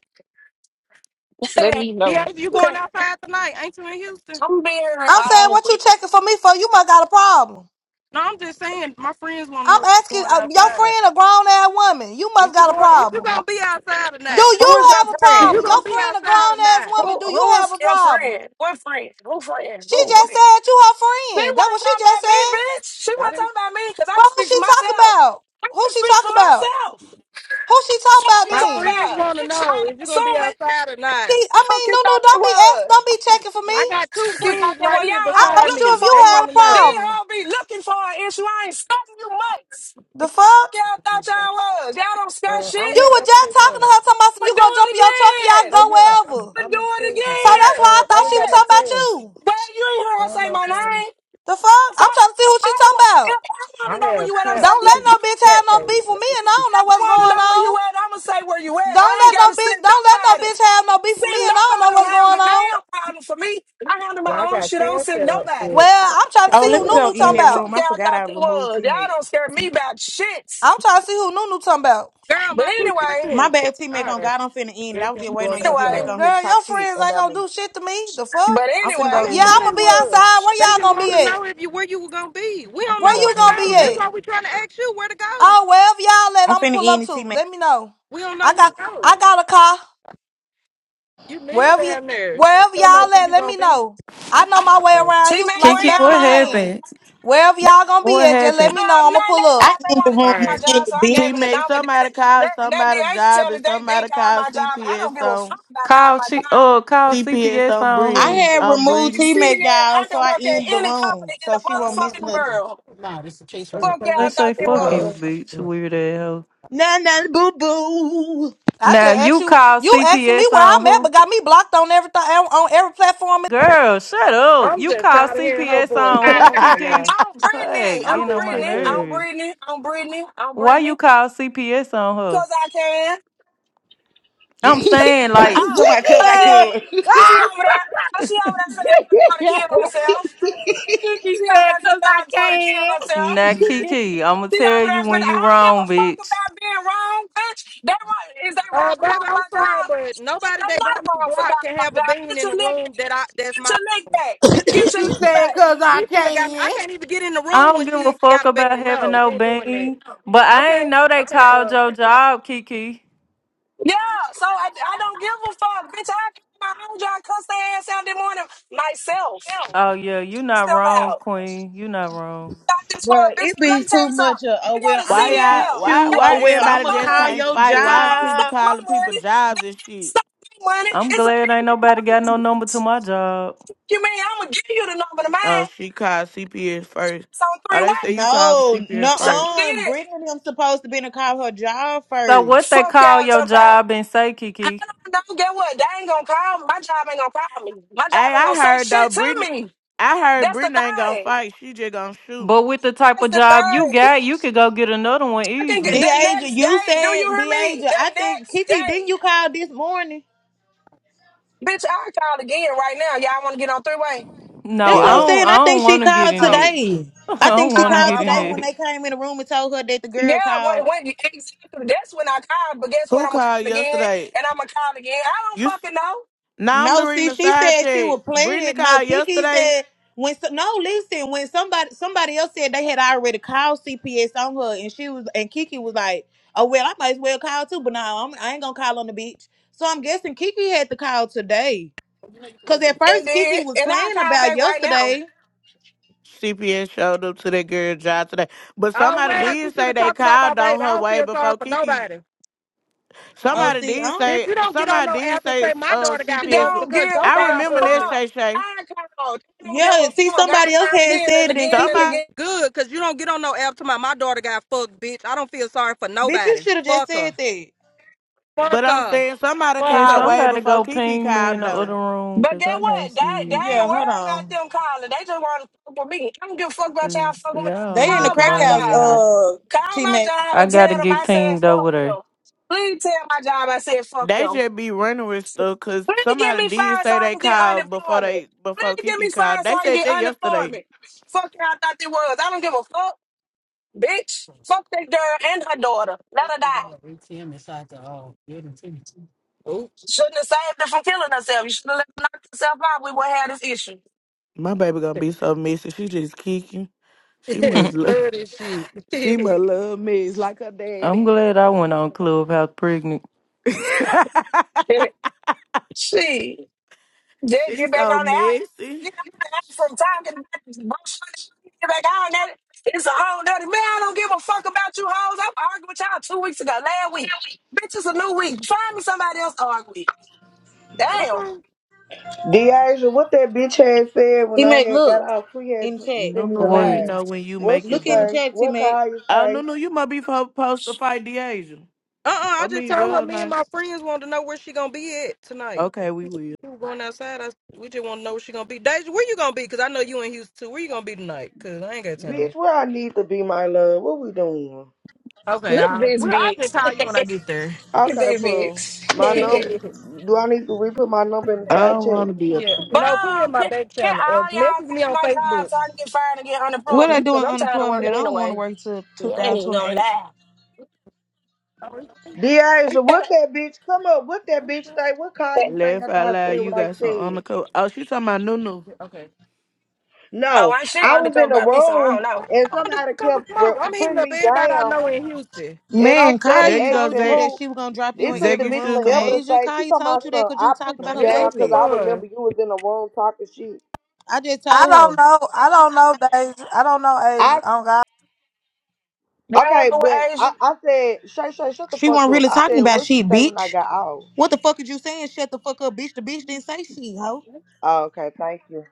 Speaker 6: Let me know.
Speaker 1: Yeah, if you going
Speaker 8: I'm
Speaker 1: outside tonight? Ain't you in Houston?
Speaker 8: being here
Speaker 7: I'm saying,
Speaker 8: all
Speaker 7: what you
Speaker 8: week.
Speaker 7: checking for me for? You must got a problem.
Speaker 1: No, I'm just saying, my friends want to know
Speaker 7: I'm
Speaker 1: if you're
Speaker 7: asking
Speaker 1: going
Speaker 7: uh, your
Speaker 1: outside.
Speaker 7: friend, a grown ass woman. You must
Speaker 1: If you
Speaker 7: got a
Speaker 1: going, if you
Speaker 7: problem.
Speaker 1: gonna be outside or
Speaker 7: Do
Speaker 1: not.
Speaker 7: you
Speaker 8: Who is your
Speaker 7: have a
Speaker 1: If you
Speaker 7: problem?
Speaker 8: friend?
Speaker 1: gonna
Speaker 7: Your
Speaker 1: be
Speaker 7: friend, a
Speaker 1: outside or
Speaker 7: grown ass
Speaker 1: not.
Speaker 7: woman.
Speaker 8: Who
Speaker 7: Do you
Speaker 8: who
Speaker 7: have
Speaker 8: is
Speaker 7: a
Speaker 8: your
Speaker 7: problem?
Speaker 8: friend? What friend? Who friend?
Speaker 7: She
Speaker 8: Who what?
Speaker 7: just
Speaker 8: She
Speaker 7: said you her friend. That's
Speaker 8: wasn't
Speaker 7: what she
Speaker 8: talking
Speaker 7: just
Speaker 8: about me,
Speaker 7: said.
Speaker 8: bitch. She
Speaker 1: I
Speaker 8: wasn't
Speaker 1: didn't,
Speaker 8: talking about me because I can
Speaker 7: Well, who
Speaker 8: speak
Speaker 7: she
Speaker 8: for
Speaker 7: talk
Speaker 8: myself.
Speaker 7: about?
Speaker 8: I
Speaker 7: Who
Speaker 8: can
Speaker 7: she
Speaker 8: speak
Speaker 7: talk
Speaker 8: for
Speaker 7: about?
Speaker 8: myself.
Speaker 7: Who she talking
Speaker 8: Fuck
Speaker 7: about
Speaker 8: you
Speaker 1: my
Speaker 8: talking
Speaker 7: then?
Speaker 1: friends
Speaker 8: about?
Speaker 1: want to
Speaker 8: Bitch, I
Speaker 1: know if
Speaker 8: ain't
Speaker 1: you gonna be
Speaker 8: assuming.
Speaker 1: outside or not.
Speaker 7: She, I
Speaker 8: Fuck
Speaker 7: mean,
Speaker 8: you
Speaker 7: no, no,
Speaker 8: thought they
Speaker 7: don't be ask,
Speaker 8: was.
Speaker 7: don't be checking for me.
Speaker 1: I got two
Speaker 8: Fuck you thought
Speaker 1: friends
Speaker 8: they
Speaker 1: right
Speaker 8: were.
Speaker 1: here
Speaker 8: Y'all
Speaker 7: I
Speaker 8: hoes
Speaker 1: beside
Speaker 7: asked you
Speaker 8: looking
Speaker 7: if
Speaker 1: me.
Speaker 8: for
Speaker 7: you
Speaker 8: a
Speaker 1: They
Speaker 7: had
Speaker 8: problem.
Speaker 7: a
Speaker 1: want to
Speaker 8: These
Speaker 1: know.
Speaker 7: problem.
Speaker 8: hoes be looking for an issue. I ain't stopping you much.
Speaker 7: The fuck?
Speaker 8: Fuck y'all thought y'all was. Y'all don't start
Speaker 1: Uh, I'm
Speaker 8: shit.
Speaker 7: You
Speaker 1: here to
Speaker 7: were just
Speaker 1: update for
Speaker 7: talking to
Speaker 1: you.
Speaker 7: her, talking about some,
Speaker 8: But
Speaker 7: you
Speaker 8: do
Speaker 7: gonna
Speaker 8: it
Speaker 7: jump in your truck and y'all
Speaker 8: again.
Speaker 1: Oh
Speaker 7: go
Speaker 1: yeah, I,
Speaker 7: wherever.
Speaker 8: But
Speaker 1: I'm
Speaker 8: do
Speaker 1: in
Speaker 8: it
Speaker 1: Philly.
Speaker 7: So
Speaker 1: I don't.
Speaker 7: that's why
Speaker 8: again.
Speaker 7: I
Speaker 1: Uh, I
Speaker 7: thought
Speaker 1: ain't
Speaker 7: she
Speaker 1: got
Speaker 7: was
Speaker 1: no
Speaker 8: What?
Speaker 7: talking about
Speaker 1: cash.
Speaker 7: you.
Speaker 8: Well, you ain't heard
Speaker 1: I
Speaker 8: her
Speaker 1: don't
Speaker 8: say
Speaker 1: know
Speaker 8: my
Speaker 1: when.
Speaker 8: name.
Speaker 7: The fuck?
Speaker 8: If
Speaker 7: I'm
Speaker 8: I,
Speaker 7: trying to see
Speaker 8: if
Speaker 7: who
Speaker 8: I
Speaker 7: she talking
Speaker 8: want, if
Speaker 7: about.
Speaker 8: I want
Speaker 1: I
Speaker 8: to know where
Speaker 1: have
Speaker 8: you at, I'm
Speaker 1: tap.
Speaker 8: saying,
Speaker 7: Don't
Speaker 1: I
Speaker 7: let
Speaker 1: mean
Speaker 7: no
Speaker 8: I
Speaker 7: bitch
Speaker 1: tap
Speaker 7: have no
Speaker 1: pay.
Speaker 7: beef with me and I don't know what's
Speaker 8: want to
Speaker 7: going
Speaker 8: know where
Speaker 7: on.
Speaker 8: you at. I'ma say where you at.
Speaker 7: Don't
Speaker 8: I ain't
Speaker 7: let no
Speaker 8: gotta
Speaker 7: bitch
Speaker 8: send
Speaker 7: don't let no
Speaker 8: nobody.
Speaker 7: bitch have no beef with
Speaker 8: Send
Speaker 7: me and I don't know
Speaker 8: nobody to
Speaker 7: what's going
Speaker 8: handle
Speaker 7: on.
Speaker 8: damn problem for me. I handle
Speaker 1: Yeah, I
Speaker 8: my own
Speaker 1: got
Speaker 8: shit. I don't
Speaker 1: cash
Speaker 8: send
Speaker 1: out,
Speaker 8: nobody.
Speaker 1: but
Speaker 7: Well, I'm
Speaker 1: I
Speaker 7: trying to
Speaker 1: can't
Speaker 9: Oh,
Speaker 7: see
Speaker 1: do
Speaker 9: let
Speaker 7: who
Speaker 9: me
Speaker 1: the
Speaker 9: go
Speaker 7: Nunu
Speaker 9: in
Speaker 7: talking
Speaker 1: update.
Speaker 9: that
Speaker 8: Fuck
Speaker 9: room.
Speaker 7: about.
Speaker 9: I
Speaker 8: y'all
Speaker 9: forgot I
Speaker 8: thought they
Speaker 9: removed
Speaker 8: would.
Speaker 9: T
Speaker 8: Y'all
Speaker 9: Mac.
Speaker 8: don't scare me about shit.
Speaker 7: I'm trying to see who Nunu talking about.
Speaker 1: Girl,
Speaker 8: But
Speaker 1: my two
Speaker 8: anyway,
Speaker 9: My
Speaker 1: friends.
Speaker 9: bad, T
Speaker 1: All
Speaker 9: Mac. On
Speaker 1: right,
Speaker 9: God, I'm finna end it. I
Speaker 1: they're
Speaker 9: was just waiting on
Speaker 1: going
Speaker 9: you to get back
Speaker 1: outside.
Speaker 8: anyway,
Speaker 9: on here to
Speaker 7: Girl,
Speaker 9: talk
Speaker 7: your
Speaker 9: shit
Speaker 7: friends ain't
Speaker 9: about
Speaker 7: gonna
Speaker 9: me.
Speaker 7: do shit to me. The fuck?
Speaker 8: but
Speaker 9: I'm finna
Speaker 1: I
Speaker 9: go
Speaker 8: anyway,
Speaker 1: didn't
Speaker 7: Yeah,
Speaker 9: end.
Speaker 1: say
Speaker 9: it.
Speaker 1: they
Speaker 7: I'ma be
Speaker 1: was.
Speaker 7: outside. Where
Speaker 1: They
Speaker 7: y'all
Speaker 1: just
Speaker 7: gonna be
Speaker 1: wanted to
Speaker 7: at?
Speaker 1: know if you where you were gonna be. We
Speaker 9: I'm
Speaker 1: don't
Speaker 9: finna
Speaker 7: Where
Speaker 1: know where
Speaker 7: you
Speaker 9: go
Speaker 1: to
Speaker 7: gonna
Speaker 9: end T
Speaker 1: go.
Speaker 7: be
Speaker 1: That's
Speaker 7: at?
Speaker 9: Mac.
Speaker 1: why we trying to ask you where to go.
Speaker 7: Oh, wherever y'all at,
Speaker 9: I'm
Speaker 7: I'ma
Speaker 9: finna
Speaker 7: pull
Speaker 9: end
Speaker 7: up
Speaker 9: it, T
Speaker 7: to.
Speaker 9: Mac.
Speaker 7: Let me know.
Speaker 1: We don't know
Speaker 7: I
Speaker 1: where
Speaker 7: got
Speaker 1: to
Speaker 7: I
Speaker 1: go.
Speaker 7: got a car.
Speaker 1: You live
Speaker 7: Wherever you,
Speaker 1: down there, so
Speaker 7: wherever
Speaker 1: we don't know
Speaker 7: y'all
Speaker 1: where
Speaker 7: at,
Speaker 1: you
Speaker 7: let
Speaker 1: gonna
Speaker 7: me
Speaker 1: be.
Speaker 7: know. I know my way
Speaker 1: All right.
Speaker 7: around
Speaker 8: T
Speaker 7: Houston
Speaker 8: Mac,
Speaker 7: like
Speaker 8: where
Speaker 7: the
Speaker 11: Kiki,
Speaker 7: back of
Speaker 11: what
Speaker 8: y'all
Speaker 7: my
Speaker 8: go?
Speaker 7: hand.
Speaker 11: happened?
Speaker 7: Wherever y'all gonna be
Speaker 11: What
Speaker 7: at, just let
Speaker 11: happened?
Speaker 7: me know.
Speaker 8: Um,
Speaker 7: I'ma
Speaker 8: nine
Speaker 7: pull
Speaker 8: days
Speaker 9: I
Speaker 7: up.
Speaker 8: about they
Speaker 9: end the
Speaker 8: want to
Speaker 1: All
Speaker 8: call
Speaker 9: room, you
Speaker 8: my
Speaker 1: right.
Speaker 8: job,
Speaker 9: skinny
Speaker 8: so I gave them the
Speaker 9: bitch.
Speaker 10: Teammate,
Speaker 8: number. Then
Speaker 10: somebody call
Speaker 8: let let the
Speaker 10: somebody
Speaker 8: agent
Speaker 10: job
Speaker 8: tell them
Speaker 10: and
Speaker 8: they been
Speaker 10: somebody
Speaker 8: calling
Speaker 10: call
Speaker 8: my job. I don't
Speaker 10: CPS
Speaker 8: give a
Speaker 10: on
Speaker 8: fuck about calling
Speaker 11: Call
Speaker 8: my
Speaker 11: she
Speaker 8: job.
Speaker 11: uh call
Speaker 10: CPS
Speaker 11: CPS
Speaker 10: on
Speaker 11: on
Speaker 9: I
Speaker 10: Brittany.
Speaker 11: who?
Speaker 9: had
Speaker 10: On
Speaker 8: I'm
Speaker 9: removed
Speaker 8: a
Speaker 10: Brittany.
Speaker 9: T
Speaker 8: C D
Speaker 9: Mac,
Speaker 8: L.
Speaker 9: y'all,
Speaker 8: I
Speaker 9: so
Speaker 8: can
Speaker 9: I
Speaker 8: work at
Speaker 9: end the
Speaker 8: any
Speaker 9: room
Speaker 8: company in
Speaker 9: so
Speaker 8: the
Speaker 9: she won't miss
Speaker 8: motherfucking
Speaker 9: nothing.
Speaker 8: world. Fuck
Speaker 11: They
Speaker 8: y'all thought
Speaker 11: say
Speaker 8: they
Speaker 11: fuck you,
Speaker 8: was.
Speaker 11: bitch, weird ass hoe.
Speaker 9: Nah, nah, boo
Speaker 7: I
Speaker 11: Now
Speaker 7: just asked
Speaker 11: you
Speaker 7: you.
Speaker 11: call
Speaker 7: You asking me
Speaker 11: CPS
Speaker 7: where
Speaker 11: on
Speaker 7: I'm at,
Speaker 11: who?
Speaker 7: but got me blocked on everything on on every platform.
Speaker 11: Girl, shut up.
Speaker 1: I'm
Speaker 11: You
Speaker 1: just
Speaker 11: call
Speaker 1: tired of hearing her
Speaker 11: CPS
Speaker 1: voice.
Speaker 11: on
Speaker 1: I
Speaker 11: who,
Speaker 1: ain't gonna
Speaker 11: Kiki?
Speaker 1: lie.
Speaker 8: I'm
Speaker 11: Hey,
Speaker 8: Brittany.
Speaker 1: I'm
Speaker 11: getting
Speaker 8: I'm
Speaker 11: on
Speaker 1: just
Speaker 11: my
Speaker 1: sick
Speaker 8: Brittany.
Speaker 1: of
Speaker 8: I'm
Speaker 1: it.
Speaker 11: nerves.
Speaker 8: Brittany. I'm Brittany. I'm
Speaker 11: Why you
Speaker 8: Brittany.
Speaker 11: call CPS on her?
Speaker 8: Cause I can.
Speaker 11: I'm
Speaker 9: boo.
Speaker 11: saying like
Speaker 8: Oh,
Speaker 9: Somebody cause
Speaker 12: Kiki
Speaker 8: cause
Speaker 9: I
Speaker 8: she
Speaker 12: ass.
Speaker 8: over,
Speaker 9: can.
Speaker 8: she
Speaker 12: Ah!
Speaker 8: over there. Cause she over there finna let her daughter kill herself.
Speaker 12: Kiki
Speaker 8: She over
Speaker 12: said,
Speaker 8: there
Speaker 12: cause
Speaker 8: finna let
Speaker 12: I
Speaker 8: her daughter kill
Speaker 12: can.
Speaker 8: herself.
Speaker 11: nah Kiki, I'ma
Speaker 8: She
Speaker 11: tell
Speaker 8: over
Speaker 11: you
Speaker 8: there
Speaker 11: when
Speaker 8: finna. I
Speaker 11: you
Speaker 8: don't give a
Speaker 11: wrong,
Speaker 8: fuck
Speaker 11: bitch.
Speaker 8: about being wrong, bitch. They wrong. Is they wrong
Speaker 1: Uh,
Speaker 8: for
Speaker 1: baby,
Speaker 8: calling
Speaker 1: I'm
Speaker 8: my
Speaker 1: sorry,
Speaker 8: job?
Speaker 1: but
Speaker 8: If
Speaker 1: nobody
Speaker 8: They
Speaker 1: that
Speaker 8: not
Speaker 1: got me
Speaker 8: wrong for
Speaker 1: blocked
Speaker 8: calling
Speaker 1: can
Speaker 8: my
Speaker 1: have a
Speaker 8: job.
Speaker 1: bean
Speaker 8: Get
Speaker 1: in
Speaker 8: your
Speaker 1: the
Speaker 8: lick
Speaker 1: room
Speaker 8: back.
Speaker 1: that I that's
Speaker 8: Get
Speaker 1: my
Speaker 8: your lick back. Get your
Speaker 12: Kiki
Speaker 8: lick
Speaker 12: said,
Speaker 8: back.
Speaker 12: cause I
Speaker 1: She still got me. I
Speaker 12: can.
Speaker 1: can't even get in the
Speaker 11: I
Speaker 1: room
Speaker 11: don't
Speaker 1: when
Speaker 11: give a
Speaker 1: she
Speaker 11: fuck
Speaker 1: got a
Speaker 11: about
Speaker 1: bean.
Speaker 11: having
Speaker 1: No,
Speaker 11: no
Speaker 1: we ain't doing that.
Speaker 11: bean. But I
Speaker 1: Okay,
Speaker 11: ain't know they
Speaker 1: okay,
Speaker 11: called
Speaker 1: love.
Speaker 11: your job, Kiki.
Speaker 8: Yeah. So I, I don't give a fuck, bitch. I came to my own job, cussed their ass out this morning myself.
Speaker 11: Oh yeah, you not wrong,
Speaker 8: somehow.
Speaker 11: Queen. You not wrong.
Speaker 8: Not this
Speaker 9: Bro,
Speaker 8: one, bitch.
Speaker 9: it
Speaker 8: Let
Speaker 9: be
Speaker 8: me tell
Speaker 9: too
Speaker 8: you something.
Speaker 9: much of,
Speaker 8: I
Speaker 9: oh, well,
Speaker 8: got a C D
Speaker 9: I'm
Speaker 8: L.
Speaker 10: Why
Speaker 9: going to shoot
Speaker 10: y'all? Why
Speaker 9: you.
Speaker 8: They
Speaker 9: Oh,
Speaker 10: why
Speaker 8: can't
Speaker 9: well,
Speaker 8: stop
Speaker 9: I'm
Speaker 10: everybody
Speaker 9: going to
Speaker 8: my
Speaker 10: just
Speaker 9: call
Speaker 8: money.
Speaker 10: can't
Speaker 9: your
Speaker 10: fight?
Speaker 8: They
Speaker 10: Why
Speaker 8: can't
Speaker 10: people
Speaker 8: stop
Speaker 9: job.
Speaker 8: my
Speaker 10: calling people
Speaker 8: money.
Speaker 10: jobs
Speaker 8: They
Speaker 10: and
Speaker 8: can't
Speaker 10: shit?
Speaker 8: stop my money.
Speaker 11: I'm
Speaker 8: It's a
Speaker 11: glad
Speaker 8: big
Speaker 11: ain't nobody
Speaker 8: department.
Speaker 11: got
Speaker 8: This
Speaker 11: no
Speaker 8: bitch.
Speaker 11: number to my job.
Speaker 8: You mean I'm gonna give you the number to
Speaker 10: Oh,
Speaker 8: mine?
Speaker 10: she called CPS first.
Speaker 8: It's on
Speaker 10: Oh,
Speaker 8: three
Speaker 10: they say
Speaker 8: way.
Speaker 10: you called for
Speaker 9: No,
Speaker 10: CPS
Speaker 8: So
Speaker 10: first.
Speaker 8: I
Speaker 9: no,
Speaker 8: did it.
Speaker 9: Brittany, I'm supposed to be in the call her job
Speaker 11: So
Speaker 9: first.
Speaker 11: what they
Speaker 8: Fuck
Speaker 11: call
Speaker 8: y'all
Speaker 11: your
Speaker 8: talking about.
Speaker 11: job and say,
Speaker 8: I
Speaker 11: Kiki?
Speaker 8: don't know. Get what? They ain't gonna call me. My job ain't gonna call me. My job
Speaker 10: Hey,
Speaker 8: ain't gonna
Speaker 10: I
Speaker 8: say
Speaker 10: heard though,
Speaker 8: shit to
Speaker 10: Brittany.
Speaker 8: me.
Speaker 10: I heard
Speaker 8: That's the
Speaker 10: Brittany ain't gonna
Speaker 8: thing.
Speaker 10: fight. She just gonna shoot.
Speaker 11: But with the type
Speaker 8: That's
Speaker 11: of
Speaker 8: the
Speaker 11: job you
Speaker 8: thing.
Speaker 11: got, you could go get another one
Speaker 8: I can get
Speaker 11: easily.
Speaker 8: the
Speaker 9: Deja,
Speaker 8: next
Speaker 9: you
Speaker 8: day. Do you
Speaker 9: said,
Speaker 8: hear me?
Speaker 9: Deja,
Speaker 8: The
Speaker 9: I think,
Speaker 8: next
Speaker 9: Kiki, didn't
Speaker 8: day.
Speaker 9: you call this morning?
Speaker 8: Bitch, I called again right now. Y'all want to get on three way?
Speaker 11: No,
Speaker 9: That's
Speaker 11: I
Speaker 9: what I'm
Speaker 10: Yep.
Speaker 11: don't.
Speaker 9: saying. I
Speaker 11: I don't
Speaker 9: think she
Speaker 11: want to get
Speaker 9: called
Speaker 11: in
Speaker 8: Oh,
Speaker 11: it.
Speaker 9: today.
Speaker 11: I
Speaker 9: I
Speaker 11: don't
Speaker 9: think she
Speaker 11: want to
Speaker 9: called
Speaker 11: get
Speaker 8: oh,
Speaker 11: in
Speaker 9: today when
Speaker 11: it.
Speaker 9: they
Speaker 8: okay.
Speaker 9: came in the room and told her that the girl
Speaker 8: Yeah,
Speaker 9: called
Speaker 8: when, when, exactly. That's when I called. But guess what?
Speaker 10: Who
Speaker 8: I'm gonna
Speaker 10: called
Speaker 8: call again,
Speaker 10: yesterday?
Speaker 8: and I'm gonna call again. I don't
Speaker 10: You. s-
Speaker 8: fucking know.
Speaker 10: Nah, I'm
Speaker 9: No,
Speaker 10: reading
Speaker 9: see,
Speaker 10: the
Speaker 9: she
Speaker 10: side
Speaker 9: said she
Speaker 10: check.
Speaker 9: would play
Speaker 10: Brittany
Speaker 9: it. No,
Speaker 10: called
Speaker 9: Kiki
Speaker 10: yesterday.
Speaker 9: said when so, no, listen, when somebody somebody else said they had already called CPS on her, and she was and Kiki was like, "Oh well, I might as well call too." But no, I'm, I ain't gonna call on the beach. So I'm guessing Kiki had to call today,
Speaker 1: You know you can go
Speaker 9: cause
Speaker 1: to
Speaker 9: at
Speaker 1: the front
Speaker 8: And
Speaker 1: door.
Speaker 9: first
Speaker 8: then,
Speaker 9: Kiki was
Speaker 8: and I
Speaker 9: playing
Speaker 8: call
Speaker 9: about
Speaker 8: back right now.
Speaker 9: yesterday.
Speaker 10: CPS showed up to that girl job today, but
Speaker 1: Oh
Speaker 10: somebody
Speaker 1: well, she
Speaker 10: did
Speaker 1: should
Speaker 10: say
Speaker 1: have
Speaker 10: they
Speaker 1: talked about my
Speaker 10: called on
Speaker 1: baby. I
Speaker 10: her
Speaker 1: don't
Speaker 10: way
Speaker 1: feel sorry
Speaker 10: before
Speaker 1: for
Speaker 10: Kiki
Speaker 1: nobody.
Speaker 9: Oh,
Speaker 11: Mm.
Speaker 10: Somebody
Speaker 9: see,
Speaker 10: did
Speaker 9: um,
Speaker 1: Bitch,
Speaker 10: say
Speaker 1: you don't get on
Speaker 10: somebody
Speaker 1: no
Speaker 10: did
Speaker 1: app and
Speaker 10: say
Speaker 1: say my
Speaker 10: uh
Speaker 1: daughter got
Speaker 10: CPS.
Speaker 1: fucked
Speaker 10: w-
Speaker 8: Don't give
Speaker 1: because your
Speaker 10: I
Speaker 8: a
Speaker 1: Bob
Speaker 10: remember that
Speaker 1: ugly.
Speaker 8: fuck.
Speaker 10: Shay Shay.
Speaker 8: I called. I don't give
Speaker 9: yeah,
Speaker 8: a
Speaker 9: and see,
Speaker 8: fuck. I
Speaker 9: somebody else
Speaker 8: call
Speaker 9: had
Speaker 8: again and
Speaker 9: said it, and
Speaker 8: again and
Speaker 9: Kiki,
Speaker 10: Somebody,
Speaker 8: again.
Speaker 9: was-
Speaker 1: Good, cause you don't get on no app to my my daughter got fucked, bitch. I don't feel sorry for
Speaker 9: bitch, you
Speaker 1: nobody.
Speaker 9: should have just
Speaker 1: Fuck
Speaker 9: said
Speaker 1: her.
Speaker 9: that.
Speaker 10: but
Speaker 1: Fuck
Speaker 10: I'm
Speaker 1: her.
Speaker 10: saying somebody
Speaker 11: Hey,
Speaker 1: Fuck
Speaker 10: called
Speaker 1: her.
Speaker 10: way
Speaker 11: somebody
Speaker 10: before
Speaker 11: go
Speaker 10: Kiki
Speaker 11: ping me in
Speaker 10: called
Speaker 11: the other
Speaker 10: though.
Speaker 11: room
Speaker 8: But
Speaker 11: because
Speaker 8: get
Speaker 11: I
Speaker 8: what?
Speaker 11: can't
Speaker 8: They,
Speaker 11: see
Speaker 8: they
Speaker 11: it.
Speaker 8: ain't
Speaker 9: Yeah, hold
Speaker 8: worried about
Speaker 9: on.
Speaker 8: them calling. They just want to fuck with me. I don't give a fuck about y'all
Speaker 11: Cause
Speaker 8: fucking with me.
Speaker 11: y'all
Speaker 9: They in the
Speaker 8: Call
Speaker 11: making
Speaker 9: crack
Speaker 8: my
Speaker 11: my
Speaker 9: house,
Speaker 11: head
Speaker 8: job.
Speaker 11: hurt.
Speaker 9: uh,
Speaker 8: Call
Speaker 9: T
Speaker 8: my
Speaker 9: Mac.
Speaker 8: job
Speaker 11: I
Speaker 8: and
Speaker 11: gotta
Speaker 8: tell them
Speaker 11: get
Speaker 8: I said
Speaker 11: pinged
Speaker 8: fuck
Speaker 11: over
Speaker 8: them. Please tell my job I said fuck
Speaker 10: They
Speaker 8: them.
Speaker 10: just be running with stuff because
Speaker 8: Please give
Speaker 10: somebody
Speaker 8: me
Speaker 10: did
Speaker 8: fired so
Speaker 10: say
Speaker 8: I
Speaker 10: they
Speaker 8: can get
Speaker 10: called before
Speaker 8: unemployment.
Speaker 10: they before
Speaker 8: Please give
Speaker 10: Kiki
Speaker 8: me
Speaker 10: called.
Speaker 8: fired so
Speaker 10: They
Speaker 8: I can
Speaker 10: said
Speaker 8: get
Speaker 10: that yesterday.
Speaker 8: unemployment. Fuck y'all thought it was. I don't give a fuck, bitch. Fuck that girl and her daughter. Let
Speaker 1: I think
Speaker 8: her
Speaker 1: we're
Speaker 8: die.
Speaker 1: gonna reach him inside the uh, building too. Oh,
Speaker 8: Shouldn't have saved her from killing herself. You should have let her knock herself out. We wouldn't have this issue.
Speaker 10: My baby gonna be so messy. She just Kiki. She
Speaker 1: yes,
Speaker 11: there.
Speaker 10: must
Speaker 1: she
Speaker 10: love.
Speaker 1: love this
Speaker 10: She must
Speaker 1: shit.
Speaker 10: love me like her
Speaker 11: I'm
Speaker 10: daddy.
Speaker 11: glad I went on Clubhouse pregnant.
Speaker 8: Shit. Did
Speaker 10: She's
Speaker 8: get back
Speaker 10: so
Speaker 8: on the app.
Speaker 10: messy.
Speaker 8: You know, the app sometime. Get back to the bush. Get back on that. It's a whole nother. Man, I don't give a fuck about you hoes. I'm arguing with y'all two weeks ago, last week. Bitch, it's a new week. Find me somebody else to argue with. Damn.
Speaker 1: okay.
Speaker 5: Deasia, what that bitch had said when
Speaker 9: T
Speaker 5: I
Speaker 9: Mac,
Speaker 5: had got
Speaker 9: look
Speaker 5: off, she had
Speaker 9: in the
Speaker 5: to
Speaker 9: chat.
Speaker 10: No,
Speaker 5: send me
Speaker 10: no.
Speaker 5: the
Speaker 10: Let me
Speaker 11: What?
Speaker 5: live.
Speaker 10: know when you
Speaker 5: What
Speaker 10: make
Speaker 5: she
Speaker 10: it,
Speaker 9: Look in the
Speaker 10: boo.
Speaker 5: say?
Speaker 9: chat, T
Speaker 5: What
Speaker 9: Mac.
Speaker 5: call you
Speaker 10: Oh no,
Speaker 5: say?
Speaker 10: no, you might be fo- supposed to fight the Asian.
Speaker 1: Uh uh I
Speaker 10: I
Speaker 1: just
Speaker 10: mean,
Speaker 1: told her
Speaker 10: well,
Speaker 1: me and my
Speaker 10: nice.
Speaker 1: friends wanted to know where she gonna be at tonight.
Speaker 10: Okay, we will.
Speaker 1: We were going outside. I, we just want to know where she gonna be. Deja, where you gonna be? Cause I know you in Houston too. Where you gonna be tonight? Cause I ain't got time.
Speaker 5: Bitch, where I need to be, my love? What we doing?
Speaker 1: Okay,
Speaker 8: Look
Speaker 1: all
Speaker 8: at
Speaker 1: right.
Speaker 8: this
Speaker 1: Well, I can
Speaker 8: bitch.
Speaker 1: call you when I get there.
Speaker 8: Look at
Speaker 5: Okay,
Speaker 8: this
Speaker 5: Pooh.
Speaker 8: bitch.
Speaker 5: My number. Do I need to re-put my number in the
Speaker 10: I
Speaker 5: side
Speaker 10: don't
Speaker 5: check?
Speaker 10: want to be a
Speaker 1: yeah.
Speaker 8: but
Speaker 1: No, put it in
Speaker 8: um,
Speaker 1: my
Speaker 8: can,
Speaker 1: back
Speaker 8: can
Speaker 1: channel or
Speaker 8: all y'all
Speaker 1: message me
Speaker 8: take
Speaker 1: on
Speaker 8: my job
Speaker 1: Facebook.
Speaker 8: so I can get fired and get
Speaker 9: What I
Speaker 8: unemployment? Because
Speaker 9: doing
Speaker 8: I'm tired of
Speaker 9: unemployment that
Speaker 8: working
Speaker 9: I don't want to
Speaker 8: anyway.
Speaker 9: work till
Speaker 8: Yeah, I ain't even gonna
Speaker 9: 2028.
Speaker 8: lie.
Speaker 1: Oh, it's
Speaker 5: Deasia, what that bitch? Come up. What that
Speaker 1: Facebook.
Speaker 5: bitch say? What call
Speaker 8: But,
Speaker 5: you say
Speaker 10: laugh
Speaker 5: after
Speaker 10: out
Speaker 5: I
Speaker 10: loud.
Speaker 5: said
Speaker 10: You
Speaker 5: what I
Speaker 10: got some
Speaker 5: said?
Speaker 10: undercoat. Oh, she talking about Nunu.
Speaker 1: Okay.
Speaker 8: oh,
Speaker 5: No,
Speaker 8: I shit
Speaker 5: I was
Speaker 8: undercover
Speaker 5: in the
Speaker 8: by me, so I
Speaker 5: room
Speaker 8: don't know.
Speaker 5: and somebody
Speaker 1: Undercover
Speaker 5: kept
Speaker 1: smoke.
Speaker 5: re-
Speaker 1: I'm hitting
Speaker 5: putting
Speaker 1: up
Speaker 5: me
Speaker 1: everybody I
Speaker 5: down
Speaker 1: know in Houston.
Speaker 5: And I'm
Speaker 9: Man,
Speaker 5: steady
Speaker 10: There
Speaker 9: Kaya
Speaker 10: you go,
Speaker 9: told
Speaker 5: asking
Speaker 9: you
Speaker 10: Zach.
Speaker 9: that
Speaker 5: who.
Speaker 9: she was gonna drop you
Speaker 5: It
Speaker 9: in
Speaker 5: took
Speaker 10: Zach,
Speaker 5: the
Speaker 9: every
Speaker 10: you
Speaker 5: bitch
Speaker 10: should
Speaker 9: room.
Speaker 10: come
Speaker 5: forever
Speaker 10: up.
Speaker 5: to
Speaker 9: Asia,
Speaker 5: say. She
Speaker 9: Kaya
Speaker 5: told my
Speaker 9: told you that
Speaker 5: son,
Speaker 9: because you
Speaker 5: I
Speaker 9: was talking
Speaker 5: put
Speaker 1: Well,
Speaker 9: about
Speaker 5: you
Speaker 9: her
Speaker 1: here
Speaker 5: down
Speaker 1: goes
Speaker 5: because
Speaker 9: baby.
Speaker 5: I
Speaker 1: Siobhan.
Speaker 5: remember you was in the room talking shit.
Speaker 9: I just
Speaker 7: I
Speaker 9: told her.
Speaker 5: I
Speaker 7: don't,
Speaker 8: What
Speaker 5: okay,
Speaker 8: happened with
Speaker 5: but
Speaker 8: Asia?
Speaker 5: I, I said, Shay Shay, shut the
Speaker 9: She
Speaker 5: fuck
Speaker 9: wasn't
Speaker 5: up.
Speaker 9: really
Speaker 5: I
Speaker 9: talking
Speaker 5: said,
Speaker 9: about
Speaker 5: what she
Speaker 9: shit,
Speaker 5: say when I
Speaker 9: bitch.
Speaker 5: got off?
Speaker 9: What the fuck is you saying? Shut the fuck up, bitch. The bitch didn't say shit, hoe.
Speaker 5: Oh, okay, thank you.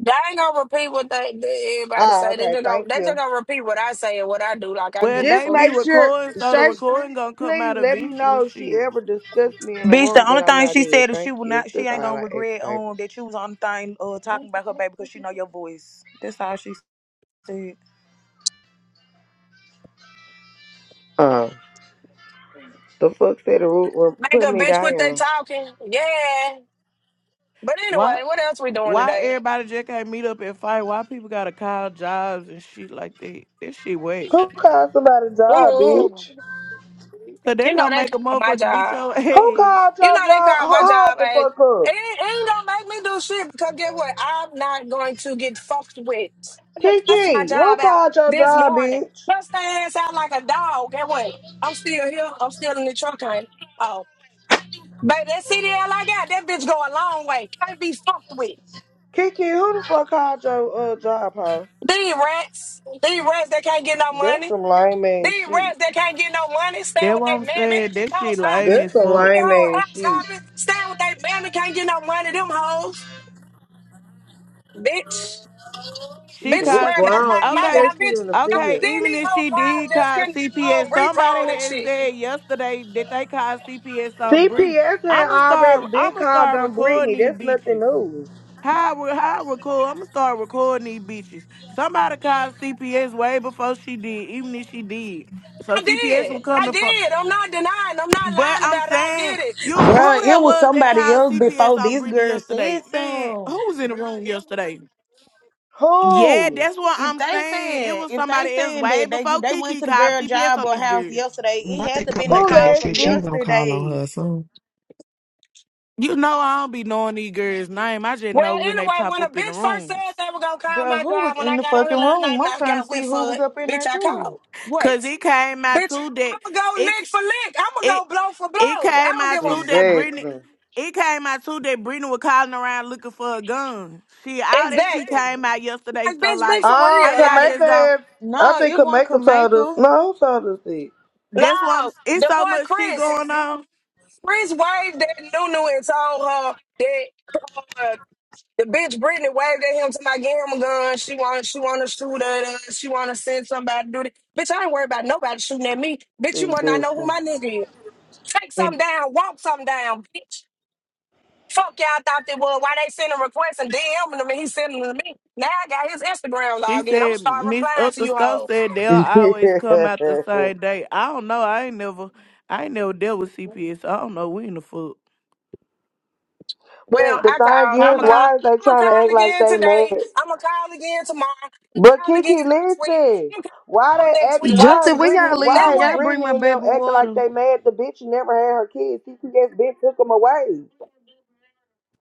Speaker 8: They ain't gonna repeat what they, they everybody
Speaker 5: Oh,
Speaker 8: say. They
Speaker 5: okay,
Speaker 8: just gonna
Speaker 5: thank
Speaker 8: they just
Speaker 5: you.
Speaker 8: gonna repeat what I say and what I do. Like I
Speaker 10: Well,
Speaker 8: give a
Speaker 5: Just
Speaker 10: they
Speaker 8: fuck.
Speaker 10: be
Speaker 5: make sure
Speaker 10: recording, so the
Speaker 5: Shay,
Speaker 10: recording gonna come
Speaker 5: please
Speaker 10: out
Speaker 5: let me
Speaker 10: eventually.
Speaker 5: know if she
Speaker 10: Shit.
Speaker 5: ever discussed me in a
Speaker 9: Bitch, the
Speaker 5: room that
Speaker 9: only
Speaker 5: I'm
Speaker 9: thing
Speaker 5: not
Speaker 9: she
Speaker 5: in.
Speaker 9: said is she
Speaker 5: Thank
Speaker 9: will
Speaker 5: you.
Speaker 9: not she
Speaker 5: That's all
Speaker 9: ain't gonna
Speaker 5: I ask,
Speaker 9: regret
Speaker 5: baby.
Speaker 9: um that you was on the thing uh talking about her baby because she know your voice. That's all she said.
Speaker 5: Um, the fuck said the root were
Speaker 8: Make
Speaker 5: put
Speaker 8: a
Speaker 5: me
Speaker 8: bitch What they
Speaker 5: down.
Speaker 8: talking. Yeah. But anyway,
Speaker 10: Why?
Speaker 8: what else we doing
Speaker 10: Why
Speaker 8: today?
Speaker 10: everybody just can't meet up and fight? Why people gotta call jobs and shit like that? This shit wet.
Speaker 5: Who called somebody job,
Speaker 8: Ooh,
Speaker 5: bitch?
Speaker 10: Cause they
Speaker 8: you know
Speaker 10: gonna
Speaker 8: they
Speaker 10: make a
Speaker 8: called my
Speaker 10: motherfucker beat
Speaker 8: job.
Speaker 10: your
Speaker 5: Who
Speaker 10: ass.
Speaker 5: called
Speaker 8: You know
Speaker 5: your
Speaker 8: they
Speaker 5: job?
Speaker 8: called
Speaker 5: Who-
Speaker 8: my
Speaker 5: Hold
Speaker 8: job.
Speaker 5: the
Speaker 8: Hey,
Speaker 5: fuck
Speaker 8: it, ain't-
Speaker 5: up.
Speaker 8: it ain't gonna make me do shit because guess what? I'm not going to get fucked with. I just cussed my
Speaker 5: Kiki, who
Speaker 8: job out
Speaker 5: called your
Speaker 8: this
Speaker 5: job,
Speaker 8: morning.
Speaker 5: bitch?
Speaker 8: Bust their ass out like a dog. Get what? I'm still here. I'm still in the truck, honey. Oh. Baby, that CDL I got, that bitch go a long way. Can't be fucked with.
Speaker 5: Kiki, who the fuck called your uh, job, huh?
Speaker 8: These rats, these rats that can't get no
Speaker 5: That's
Speaker 8: money,
Speaker 5: some lame ass
Speaker 8: these
Speaker 5: shit.
Speaker 8: rats that can't get no money, staying
Speaker 10: That
Speaker 8: with
Speaker 10: what
Speaker 8: their
Speaker 10: I'm
Speaker 8: mammy,
Speaker 10: saying. That shit
Speaker 8: house
Speaker 10: lame
Speaker 8: hopping,
Speaker 5: That's
Speaker 10: as
Speaker 5: some
Speaker 10: fuck.
Speaker 8: these
Speaker 5: lame
Speaker 8: whole
Speaker 5: ass
Speaker 8: house
Speaker 5: shit.
Speaker 8: hopping, staying with their mammy, can't get no money, them hoes, bitch.
Speaker 10: She
Speaker 8: Bitches
Speaker 5: We
Speaker 10: called
Speaker 8: worry about
Speaker 10: C.
Speaker 5: grown.
Speaker 8: time my
Speaker 5: Keep
Speaker 10: Okay,
Speaker 8: job,
Speaker 5: that shit
Speaker 8: bitch.
Speaker 5: in the
Speaker 10: okay.
Speaker 5: field.
Speaker 8: Then
Speaker 10: Even
Speaker 8: these
Speaker 10: if
Speaker 8: whole
Speaker 10: she
Speaker 8: cars
Speaker 10: did
Speaker 8: just
Speaker 10: call
Speaker 8: getting all
Speaker 10: CPS, somebody
Speaker 8: repoed and
Speaker 10: had
Speaker 8: shit.
Speaker 10: said yesterday that they called CPS on Britney.
Speaker 5: CPS had
Speaker 10: I'ma
Speaker 5: already
Speaker 10: start.
Speaker 5: been
Speaker 10: I'ma
Speaker 5: called
Speaker 10: start
Speaker 5: on
Speaker 10: recording
Speaker 5: Brittany.
Speaker 10: these
Speaker 5: That's nothing
Speaker 10: bitches.
Speaker 5: new.
Speaker 10: How I re- how I record? I'm gonna start recording these bitches. Somebody called CPS way before she did, even if she did. So
Speaker 8: I
Speaker 10: CPS
Speaker 8: did.
Speaker 10: was
Speaker 8: I
Speaker 10: coming for.
Speaker 8: did. I'm not denying. I'm not
Speaker 10: But
Speaker 8: lying
Speaker 10: I'm
Speaker 8: about it. I
Speaker 10: saying
Speaker 8: did it.
Speaker 10: you
Speaker 9: Bruh,
Speaker 10: who that
Speaker 9: it was
Speaker 10: was that
Speaker 9: somebody
Speaker 10: called
Speaker 9: else
Speaker 10: CPS
Speaker 9: before
Speaker 10: on
Speaker 9: this
Speaker 10: Brittany
Speaker 9: girl said
Speaker 10: yesterday? Man, who
Speaker 9: so.
Speaker 10: was in the room yesterday? Yeah,
Speaker 5: Who?
Speaker 10: that's what
Speaker 9: If
Speaker 10: I'm
Speaker 9: they
Speaker 10: saying. It
Speaker 9: said,
Speaker 10: was
Speaker 9: if they
Speaker 10: somebody else
Speaker 9: saying
Speaker 10: way
Speaker 9: that they
Speaker 10: before
Speaker 9: they went
Speaker 10: Kiki
Speaker 9: to the
Speaker 10: called
Speaker 9: girl
Speaker 10: CPS
Speaker 9: job
Speaker 10: on
Speaker 9: or
Speaker 10: these
Speaker 9: house
Speaker 10: girls.
Speaker 9: yesterday, it
Speaker 13: I
Speaker 9: had
Speaker 13: think
Speaker 9: to
Speaker 13: come
Speaker 9: been the
Speaker 13: back
Speaker 5: Who,
Speaker 13: to
Speaker 9: call
Speaker 13: shit,
Speaker 9: from
Speaker 13: she
Speaker 5: Lexi?
Speaker 13: was gonna call on
Speaker 9: yesterday.
Speaker 13: her soon.
Speaker 10: You know I don't be knowing these girls' name. I just know
Speaker 8: Well,
Speaker 10: when they
Speaker 8: anyway,
Speaker 10: pop
Speaker 8: when a
Speaker 10: up in the
Speaker 8: bitch first said
Speaker 10: rooms.
Speaker 8: they were gonna call
Speaker 9: Bruh,
Speaker 8: my
Speaker 9: who
Speaker 8: job
Speaker 9: was
Speaker 8: when
Speaker 9: in
Speaker 8: I
Speaker 9: the
Speaker 8: got on here
Speaker 9: fucking
Speaker 8: last night
Speaker 9: room?
Speaker 8: and
Speaker 9: I'm
Speaker 8: I
Speaker 9: trying
Speaker 8: got
Speaker 9: to see
Speaker 8: with
Speaker 9: who
Speaker 8: for
Speaker 9: was
Speaker 8: it,
Speaker 9: up in
Speaker 8: bitch,
Speaker 9: there
Speaker 8: I
Speaker 9: too.
Speaker 8: called. Wait,
Speaker 10: Cause it came out
Speaker 8: bitch,
Speaker 10: too that
Speaker 8: I'ma go
Speaker 10: it
Speaker 8: lick for lick. I'ma
Speaker 10: it
Speaker 8: go blow for
Speaker 10: It
Speaker 8: blow. I
Speaker 10: came
Speaker 8: don't
Speaker 10: out
Speaker 8: give a
Speaker 10: too that
Speaker 8: fuck.
Speaker 10: Brittany.
Speaker 5: Exactly.
Speaker 10: It came out too that Brittany was calling around looking for a gun. She all that she
Speaker 8: Exactly.
Speaker 10: came out yesterday.
Speaker 8: Like,
Speaker 10: So
Speaker 8: bitch, be
Speaker 10: like,
Speaker 8: for
Speaker 5: Oh,
Speaker 10: how
Speaker 8: real.
Speaker 10: y'all
Speaker 8: Like,
Speaker 5: Kameka
Speaker 10: just go?
Speaker 5: had I
Speaker 9: No,
Speaker 5: think
Speaker 9: it wasn't
Speaker 5: Kameka told us.
Speaker 9: Kameka.
Speaker 5: No, who told us this?
Speaker 10: That's what I'm.
Speaker 8: no,
Speaker 10: It's
Speaker 8: the
Speaker 10: so
Speaker 8: boy
Speaker 10: much shit
Speaker 8: Chris,
Speaker 10: going on.
Speaker 8: Chris waved at Nunu and told her that uh, the bitch Brittany waved at him to my him a gun. She want, she want to shoot at us. She want to send somebody to do this. Bitch, I ain't worried about nobody shooting at me. Bitch, you must not
Speaker 5: Exactly.
Speaker 8: know who my nigga Take something
Speaker 10: And
Speaker 8: down, walk something down, bitch. Fuck y'all thought they would. Why they sending requests and DMing them and he's sending them to me. Now I got his Instagram
Speaker 10: she
Speaker 8: login. I'm gonna
Speaker 10: said
Speaker 8: start
Speaker 10: Miss
Speaker 8: replying to you
Speaker 10: Upthersco
Speaker 8: hoes.
Speaker 10: said they will always come out the same day. I don't know. I ain't never. I ain't never dealt with CPS. So I don't know when the fuck.
Speaker 5: Yeah.
Speaker 8: Well,
Speaker 5: but the
Speaker 8: I
Speaker 5: thing
Speaker 8: called. I'm
Speaker 10: How
Speaker 5: is,
Speaker 8: gonna call.
Speaker 10: long?
Speaker 5: why is they
Speaker 8: I'm gonna
Speaker 5: trying to
Speaker 8: call
Speaker 5: act like
Speaker 8: again
Speaker 5: they
Speaker 8: today.
Speaker 5: mad?
Speaker 8: I'm gonna call again tomorrow. I'm gonna
Speaker 5: But
Speaker 8: call again
Speaker 5: Kiki,
Speaker 8: next week.
Speaker 5: listen.
Speaker 8: I'm gonna
Speaker 5: Why
Speaker 8: call
Speaker 5: they
Speaker 8: next
Speaker 5: act?
Speaker 8: week
Speaker 5: Why is
Speaker 9: Justin,
Speaker 8: actually.
Speaker 9: where
Speaker 5: Brittany?
Speaker 9: y'all leave?
Speaker 8: Now
Speaker 9: Can
Speaker 5: Why is
Speaker 8: what?
Speaker 9: y'all bring my
Speaker 5: Brittany and
Speaker 9: baby
Speaker 5: them acting like
Speaker 9: water?
Speaker 5: they mad? The bitch never had her kids. Kiki just been took them away.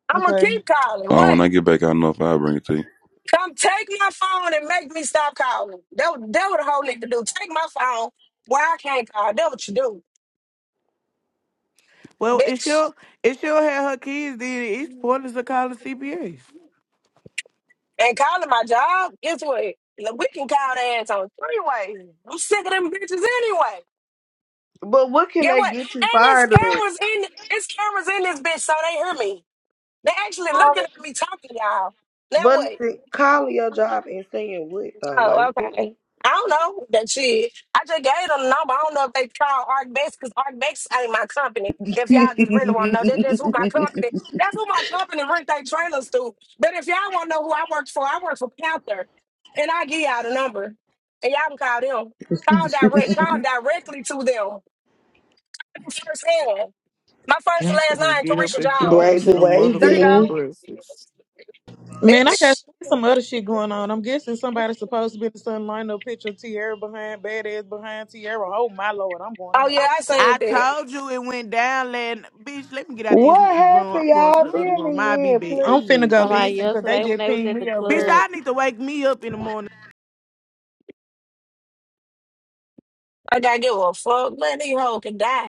Speaker 8: I'm gonna
Speaker 9: Okay.
Speaker 8: keep calling.
Speaker 3: Oh, when
Speaker 8: What?
Speaker 3: I get back, I don't know if I'll bring it to you.
Speaker 8: Come take my phone and make me stop calling. That what- that what the whole nigga do. Take my phone. Why I can't call? That what you do,
Speaker 10: Well, if
Speaker 8: bitch.
Speaker 10: she'll if she'll have her kids, then it's pointless to call the CPS.
Speaker 8: And calling my job, guess what? Look, We can call their ass on three way. I'm sick of them bitches anyway.
Speaker 5: But what can
Speaker 8: Get
Speaker 5: they
Speaker 8: what?
Speaker 5: get you
Speaker 8: And there's
Speaker 5: fired of?
Speaker 8: cameras in it's cameras in this bitch, so they hear me. They actually looking at me talking, y'all. Now
Speaker 5: But
Speaker 8: what?
Speaker 5: listen, calling your job and saying what though? Like
Speaker 8: Oh, okay. I don't know that shit. I just gave them the number. I don't know if they call Arcbex because Arcbex ain't my company. If y'all just really want to know, that's just who my company. That's who my company rent their trailers to. But if y'all want to know who I work for, I work for Panther, and I give y'all the number, and y'all can call them. Call direct. Call directly to them. First hand. My first and
Speaker 10: I'm
Speaker 8: last
Speaker 10: finna
Speaker 8: name,
Speaker 10: get up
Speaker 8: Carisha
Speaker 10: and cook me
Speaker 8: Jones.
Speaker 5: crazy
Speaker 10: some
Speaker 8: There you
Speaker 10: motherfucking
Speaker 5: waiting.
Speaker 8: go,
Speaker 10: breakfast.
Speaker 9: Man, I got
Speaker 8: bitch.
Speaker 9: some other shit going on. I'm guessing somebody's supposed to be the sun lined up, picture of Tierra behind, badass behind Tierra. Oh my lord, I'm going in
Speaker 8: Oh
Speaker 9: the
Speaker 8: yeah,
Speaker 9: other
Speaker 8: I
Speaker 9: room.
Speaker 8: seen
Speaker 10: I
Speaker 8: that.
Speaker 10: told you it went down, lad. Bitch, let me get out this m-
Speaker 5: What
Speaker 10: room.
Speaker 5: happened,
Speaker 10: I'm going to
Speaker 5: y'all?
Speaker 10: the other
Speaker 5: Fill
Speaker 10: room. I'll
Speaker 5: me
Speaker 10: be
Speaker 5: in,
Speaker 10: back.
Speaker 9: I'm finna
Speaker 5: please.
Speaker 9: go
Speaker 10: Bitch,
Speaker 14: Somebody
Speaker 9: listen because they
Speaker 14: yesterday when
Speaker 9: just
Speaker 14: they was
Speaker 9: pinged
Speaker 14: at the
Speaker 9: me over
Speaker 10: bitch,
Speaker 9: there.
Speaker 14: club,
Speaker 10: I need to wake me up in the morning.
Speaker 8: I gotta give a fuck. Let these hoes can die.